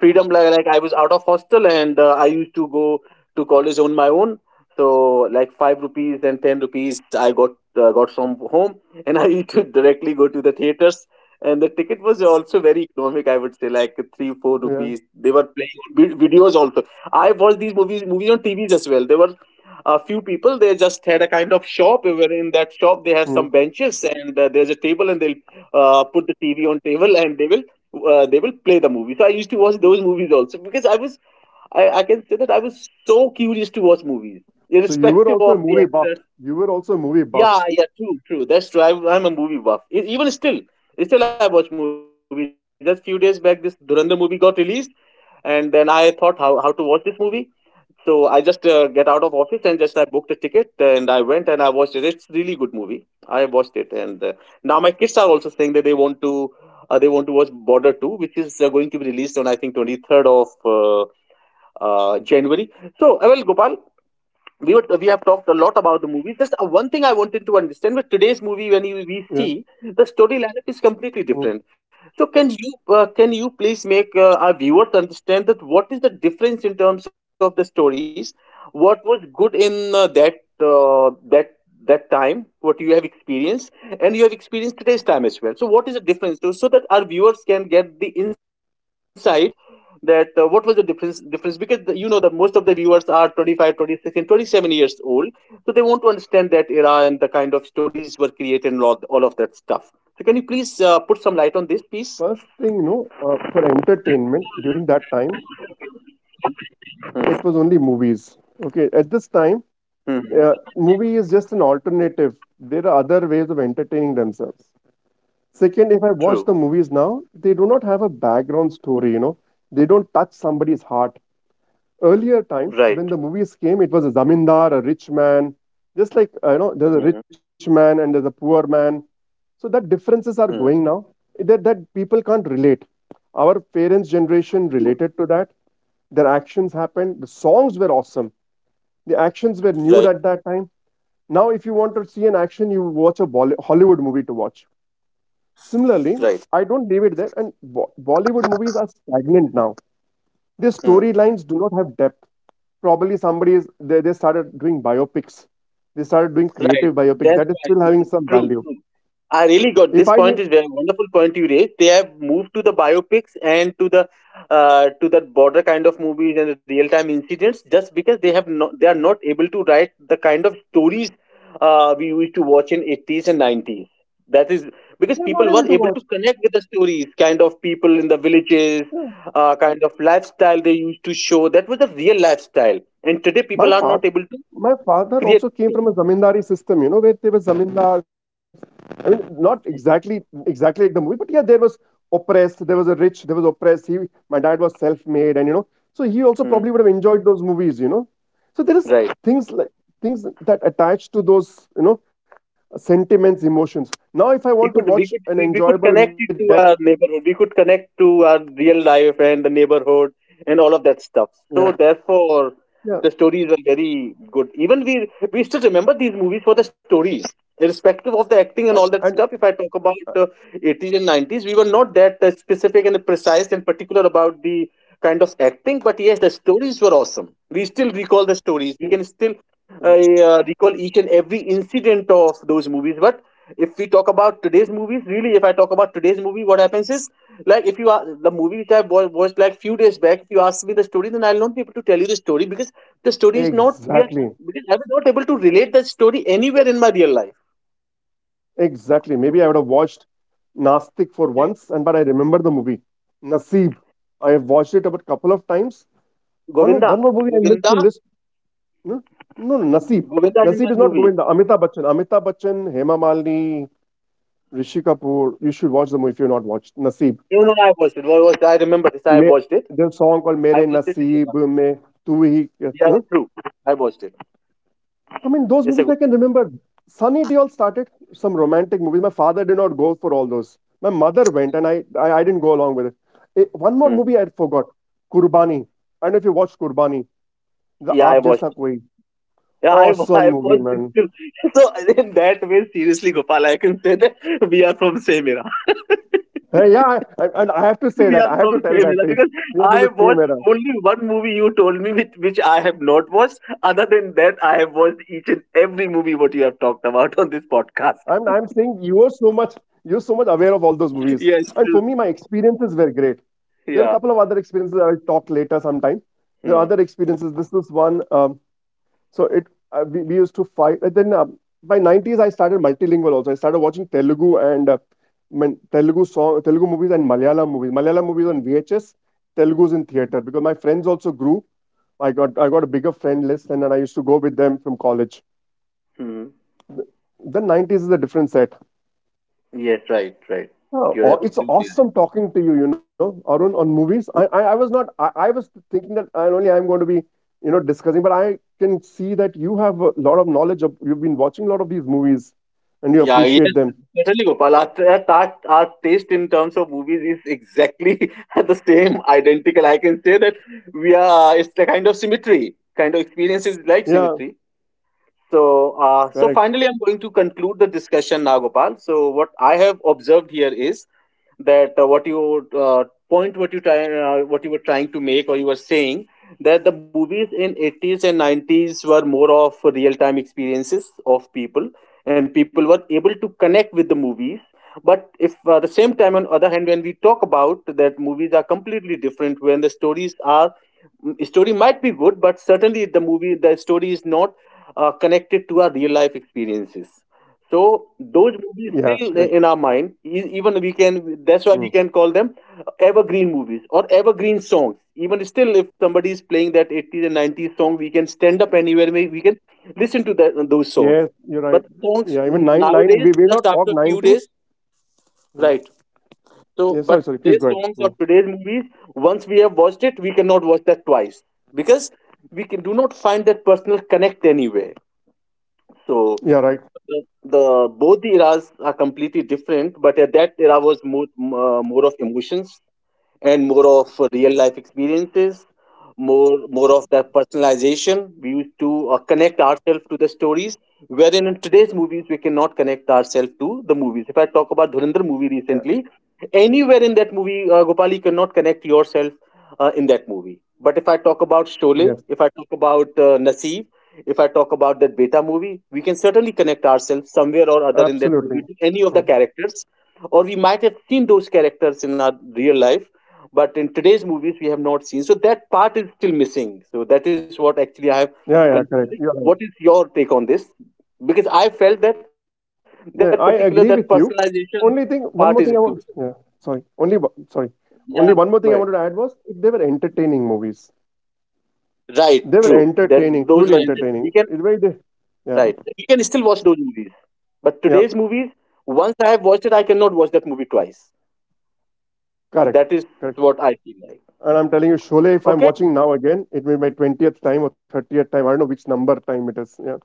[SPEAKER 1] Freedom, like I was out of hostel and I used to go to college on my own. So like 5 rupees and 10 rupees I got, got from home, and I used to directly go to the theaters. And the ticket was also very economic, I would say like 3 4
[SPEAKER 2] yeah.
[SPEAKER 1] rupees. They were playing videos also. I watched these movies on tvs as well. There were a few people, they just had a kind of shop where in that shop they have
[SPEAKER 2] Mm.
[SPEAKER 1] some benches and there's a table and they'll put the tv on table, and they will play the movie. So I used to watch those movies also because I was, I can say that I was so curious to watch movies,
[SPEAKER 2] So you were
[SPEAKER 1] irrespective
[SPEAKER 2] also a
[SPEAKER 1] of the
[SPEAKER 2] movie buff.
[SPEAKER 1] actors.
[SPEAKER 2] You were also a movie buff.
[SPEAKER 1] Yeah, yeah, true, true. That's true. I, I'm a movie buff. Even still, still I watch movies. Just few days back, this Duranda movie got released, and then I thought how to watch this movie. So I just get out of office and just I booked a ticket and I went and I watched it. It's really good movie. I watched it and now my kids are also saying that they want to watch Border Two, which is going to be released on I think 23rd of January. So well, Gopal, we have talked a lot about the movie. Just one thing I wanted to understand, with today's
[SPEAKER 2] Yeah.
[SPEAKER 1] movie, when we see the story lineup
[SPEAKER 2] Mm.
[SPEAKER 1] is completely different. So can you please make our viewers understand that what is the difference in terms of the stories? What was good in uh, that that time? What you have experienced, and you have experienced today's time as well. So what is the difference? So, so that our viewers can get the insight that what was the difference, because the, you know that most of the viewers are 25, 26, and 27 years old, so they want to understand that era and the kind of stories were created and all of that stuff. So can you please put some light on this piece?
[SPEAKER 2] First thing, no, for entertainment during that time, it was only movies. Okay, at this time,
[SPEAKER 1] Mm-hmm.
[SPEAKER 2] movie is just an alternative. There are other ways of entertaining themselves. Second, if I watch the
[SPEAKER 1] True.
[SPEAKER 2] movies now, they do not have a background story, they don't touch somebody's heart. Earlier time, when the
[SPEAKER 1] Right.
[SPEAKER 2] movies came, it was a zamindar, a rich man, just like, there's a
[SPEAKER 1] Mm-hmm.
[SPEAKER 2] rich man and there's a poor man. So that differences are going
[SPEAKER 1] True.
[SPEAKER 2] now. That people can't relate. Our parents' generation related to that. Their actions happened. The songs were awesome. The actions were nude
[SPEAKER 1] Right.
[SPEAKER 2] at that time. Now, if you want to see an action, you watch a Hollywood movie to watch. Similarly,
[SPEAKER 1] Right.
[SPEAKER 2] I don't leave it there. And Bollywood movies are stagnant now. Their
[SPEAKER 1] Hmm.
[SPEAKER 2] storylines do not have depth. Probably somebody is they started doing biopics. They started doing
[SPEAKER 1] Right.
[SPEAKER 2] creative biopic
[SPEAKER 1] That's
[SPEAKER 2] that is
[SPEAKER 1] right.
[SPEAKER 2] still having some
[SPEAKER 1] True,
[SPEAKER 2] value.
[SPEAKER 1] true. I really got
[SPEAKER 2] If
[SPEAKER 1] this
[SPEAKER 2] I need,
[SPEAKER 1] point. Is very wonderful point you raised. They have moved to the biopics and to the border kind of movies and the real time incidents just because they have not, they are not able to write the kind of stories we used to watch in eighties and nineties. That is because
[SPEAKER 2] they're not
[SPEAKER 1] people
[SPEAKER 2] able
[SPEAKER 1] were
[SPEAKER 2] to
[SPEAKER 1] able
[SPEAKER 2] watch.
[SPEAKER 1] to connect with the stories, kind of people in the villages,
[SPEAKER 2] Yeah.
[SPEAKER 1] kind of lifestyle they used to show. That was the real lifestyle, and today
[SPEAKER 2] My
[SPEAKER 1] people are
[SPEAKER 2] father,
[SPEAKER 1] not able to
[SPEAKER 2] my father
[SPEAKER 1] create.
[SPEAKER 2] also came from a zamindari system, where there were zamindars. I mean, not exactly like the movie, but yeah, there was oppressed, there was a rich, there was oppressed. My dad was self-made, and so he also
[SPEAKER 1] Mm.
[SPEAKER 2] probably would have enjoyed those movies. So there is
[SPEAKER 1] Right.
[SPEAKER 2] things like things that attach to those, sentiments, emotions. Now, if I
[SPEAKER 1] we
[SPEAKER 2] want to
[SPEAKER 1] could we
[SPEAKER 2] watch
[SPEAKER 1] could
[SPEAKER 2] an
[SPEAKER 1] we, we could
[SPEAKER 2] enjoyable
[SPEAKER 1] connect
[SPEAKER 2] movie
[SPEAKER 1] it to
[SPEAKER 2] with depth,
[SPEAKER 1] our neighborhood, we could connect to our real life and the neighborhood and all of that stuff,
[SPEAKER 2] yeah,
[SPEAKER 1] so therefore
[SPEAKER 2] yeah,
[SPEAKER 1] the stories were very good. Even we still remember these movies for the stories, irrespective of the acting and
[SPEAKER 2] and,
[SPEAKER 1] all that
[SPEAKER 2] and
[SPEAKER 1] stuff. If I talk about 80s and 90s, we were not that specific and precise and particular about the kind of acting, but yes, the stories were awesome. We still recall the stories.
[SPEAKER 2] see,
[SPEAKER 1] We can still I recall each and every incident of those movies. But if we talk about today's movies, really, if I talk about today's movie, what happens is, like, if you are the movie which watched like few days back, if you ask me the story, then I'll not be able to tell you the story because the story is not we are
[SPEAKER 2] exactly.
[SPEAKER 1] because I was not able to relate that story anywhere in my real life.
[SPEAKER 2] Exactly. Maybe I would have watched Nastik for
[SPEAKER 1] Like,
[SPEAKER 2] once, and but I remember the movie Naseeb. I have watched it about couple of times.
[SPEAKER 1] Govinda,
[SPEAKER 2] One more movie I missed
[SPEAKER 1] Govinda,
[SPEAKER 2] to list. Hmm? No, no, Naseeb.
[SPEAKER 1] Govinda is in
[SPEAKER 2] Naseeb
[SPEAKER 1] that
[SPEAKER 2] is not
[SPEAKER 1] movie.
[SPEAKER 2] Govinda. Amitabh Bachchan. Amitabh Bachchan, Hema Malini, Rishi Kapoor. You should watch the movie if you've not watched Naseeb.
[SPEAKER 1] No, no, I watched it. I remember this. I
[SPEAKER 2] Me,
[SPEAKER 1] watched it.
[SPEAKER 2] there's a song called
[SPEAKER 1] I
[SPEAKER 2] Mere
[SPEAKER 1] watched it in India.
[SPEAKER 2] Naseeb Me Tu Hi.
[SPEAKER 1] Yeah, true. I watched it.
[SPEAKER 2] I mean, those
[SPEAKER 1] It's a
[SPEAKER 2] movies
[SPEAKER 1] good.
[SPEAKER 2] I can remember. Sunny Deol started some romantic movies. My father did not go for all those. My mother went, and I didn't go along with it. One more
[SPEAKER 1] Mhm.
[SPEAKER 2] movie I forgot, Kurbani. I don't know if you watched Kurbani. The
[SPEAKER 1] Yeah, I
[SPEAKER 2] Aap
[SPEAKER 1] watched.
[SPEAKER 2] Jaisa Koi.
[SPEAKER 1] Yeah, I,
[SPEAKER 2] Awesome
[SPEAKER 1] I
[SPEAKER 2] movie,
[SPEAKER 1] was
[SPEAKER 2] man.
[SPEAKER 1] so in that way, seriously, Gopal, I can say that we are from same era.
[SPEAKER 2] Hey, yeah, and I have to say
[SPEAKER 1] We
[SPEAKER 2] that.
[SPEAKER 1] are
[SPEAKER 2] I have to
[SPEAKER 1] from same
[SPEAKER 2] tell that
[SPEAKER 1] era
[SPEAKER 2] to you.
[SPEAKER 1] because
[SPEAKER 2] We are from
[SPEAKER 1] I
[SPEAKER 2] the same
[SPEAKER 1] watched
[SPEAKER 2] era.
[SPEAKER 1] only one movie you told me which I have not watched. Other than that, I have watched each and every movie what you have talked about on this
[SPEAKER 2] I'm
[SPEAKER 1] podcast.
[SPEAKER 2] saying you're so much aware of all those movies. And for
[SPEAKER 1] Yes,
[SPEAKER 2] me, my
[SPEAKER 1] true.
[SPEAKER 2] experiences were great. There are a couple of
[SPEAKER 1] Yeah.
[SPEAKER 2] other experiences I'll talk later sometime. There are other
[SPEAKER 1] Hmm.
[SPEAKER 2] experiences. This is one. So we used to fight. And then by 90s, I started multilingual also. I started watching Telugu and Telugu song, Telugu movies and Malayalam movies. Malayalam movies on VHS, Telugu's in theater because my friends also grew. I got a bigger friend list and then I used to go with them from college.
[SPEAKER 1] Hmm.
[SPEAKER 2] The 90s is a different set.
[SPEAKER 1] Yes, right, right.
[SPEAKER 2] Oh,
[SPEAKER 1] You're
[SPEAKER 2] it's
[SPEAKER 1] absolutely.
[SPEAKER 2] awesome talking to you, Arun, on movies. I was not, I was thinking that I'm going to be, discussing, but I can see that you have a lot of knowledge of, you've been watching a lot of these movies and you
[SPEAKER 1] Yeah, yes,
[SPEAKER 2] appreciate them.
[SPEAKER 1] certainly, Gopal. Our our taste in terms of movies is exactly the same, identical. I can say that we are, it's the kind of symmetry, kind of experience is like
[SPEAKER 2] Yeah,
[SPEAKER 1] symmetry. So, so
[SPEAKER 2] correct.
[SPEAKER 1] finally, I'm going to conclude the discussion now, Gopal. So, what I have observed here is that what you point, what you try, what you were trying to make, or you were saying that the movies in 80s and 90s were more of real-time experiences of people, and people were able to connect with the movies. But if the same time, on other hand, when we talk about that movies are completely different, when the stories are story might be good, but certainly the movie, the story is not connected to our real life experiences. So
[SPEAKER 2] Yeah,
[SPEAKER 1] those
[SPEAKER 2] correct.
[SPEAKER 1] movies still in our mind. Even we can,
[SPEAKER 2] Mm.
[SPEAKER 1] that's why we can call them evergreen movies or evergreen songs. Even still, if somebody is playing that 80s and 90s song, we can stand up anywhere. We can listen to that, those songs.
[SPEAKER 2] Yes, you're
[SPEAKER 1] But
[SPEAKER 2] right.
[SPEAKER 1] songs
[SPEAKER 2] Yeah, even
[SPEAKER 1] nowadays,
[SPEAKER 2] we will
[SPEAKER 1] just
[SPEAKER 2] not talk
[SPEAKER 1] after a few
[SPEAKER 2] 90s.
[SPEAKER 1] days,
[SPEAKER 2] Mm.
[SPEAKER 1] right? So,
[SPEAKER 2] Yeah, sorry,
[SPEAKER 1] but
[SPEAKER 2] sorry, please go
[SPEAKER 1] today's
[SPEAKER 2] ahead.
[SPEAKER 1] songs or
[SPEAKER 2] Mm.
[SPEAKER 1] today's movies, once we have watched it, we cannot watch that twice because we can, do not find that personal connect anywhere. So,
[SPEAKER 2] Yeah, right.
[SPEAKER 1] the both the eras are completely different, but at that era was more more of emotions and more of real life experiences, more of the personalization. We used to connect ourselves to the stories, wherein in today's movies we cannot connect ourselves to the movies. If I talk about Dhurandhar movie
[SPEAKER 2] Yeah,
[SPEAKER 1] recently, anywhere in that movie, Gopal, you cannot connect yourself in that movie. But if I talk about Sholay,
[SPEAKER 2] yes,
[SPEAKER 1] if I talk about Naseeb, if I talk about that Beta movie, we can certainly connect ourselves somewhere or other in that
[SPEAKER 2] absolutely.
[SPEAKER 1] movie to any of the
[SPEAKER 2] Mm.
[SPEAKER 1] characters, or we might have seen those characters in our real life, but in today's movies we have not seen. So that part is still missing, so that is what actually I have
[SPEAKER 2] Yeah, yeah, correct. You're
[SPEAKER 1] considered.
[SPEAKER 2] right.
[SPEAKER 1] What is your take on this? Because I felt that that
[SPEAKER 2] No, I
[SPEAKER 1] particular, that
[SPEAKER 2] agree with you.
[SPEAKER 1] personalization
[SPEAKER 2] Only thing,
[SPEAKER 1] part
[SPEAKER 2] one
[SPEAKER 1] is
[SPEAKER 2] more thing I
[SPEAKER 1] still
[SPEAKER 2] want,
[SPEAKER 1] missing.
[SPEAKER 2] yeah, sorry, sorry,
[SPEAKER 1] Yeah,
[SPEAKER 2] only
[SPEAKER 1] go
[SPEAKER 2] one
[SPEAKER 1] ahead.
[SPEAKER 2] more thing I wanted to add was they were entertaining movies.
[SPEAKER 1] Right,
[SPEAKER 2] They were
[SPEAKER 1] true, that
[SPEAKER 2] entertaining,
[SPEAKER 1] those
[SPEAKER 2] truly
[SPEAKER 1] were entertaining. We
[SPEAKER 2] entertaining.
[SPEAKER 1] can,
[SPEAKER 2] Yeah,
[SPEAKER 1] right, we can still watch those movies, but
[SPEAKER 2] yeah,
[SPEAKER 1] today's movies, once I have watched it, I cannot watch that movie twice.
[SPEAKER 2] correct,
[SPEAKER 1] That is
[SPEAKER 2] correct.
[SPEAKER 1] what I feel like.
[SPEAKER 2] And I'm telling you, Sholay, if
[SPEAKER 1] Okay.
[SPEAKER 2] I'm watching now again, it may be my 20th time or 30th time. I don't know which number time it is. Yeah.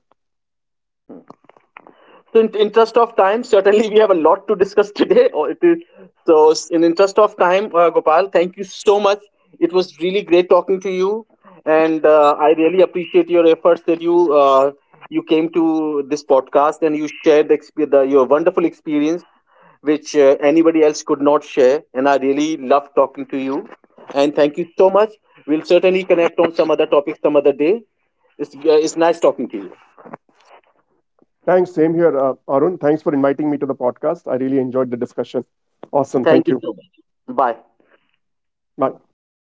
[SPEAKER 1] So, in interest of time, certainly we have a lot to discuss today. So, in interest of time, Gopal, thank you so much. It was really great talking to you, and I really appreciate your efforts that you you came to this podcast and you shared the, the your wonderful experience, which anybody else could not share. And I really love talking to you, and thank you so much. We'll certainly connect on some other topic some other day. It's nice talking to you.
[SPEAKER 2] Thanks. Same here, Arun. Thanks for inviting me to the podcast. I really enjoyed the discussion. Awesome. Thank you.
[SPEAKER 1] Thank you so much. Bye.
[SPEAKER 2] Bye.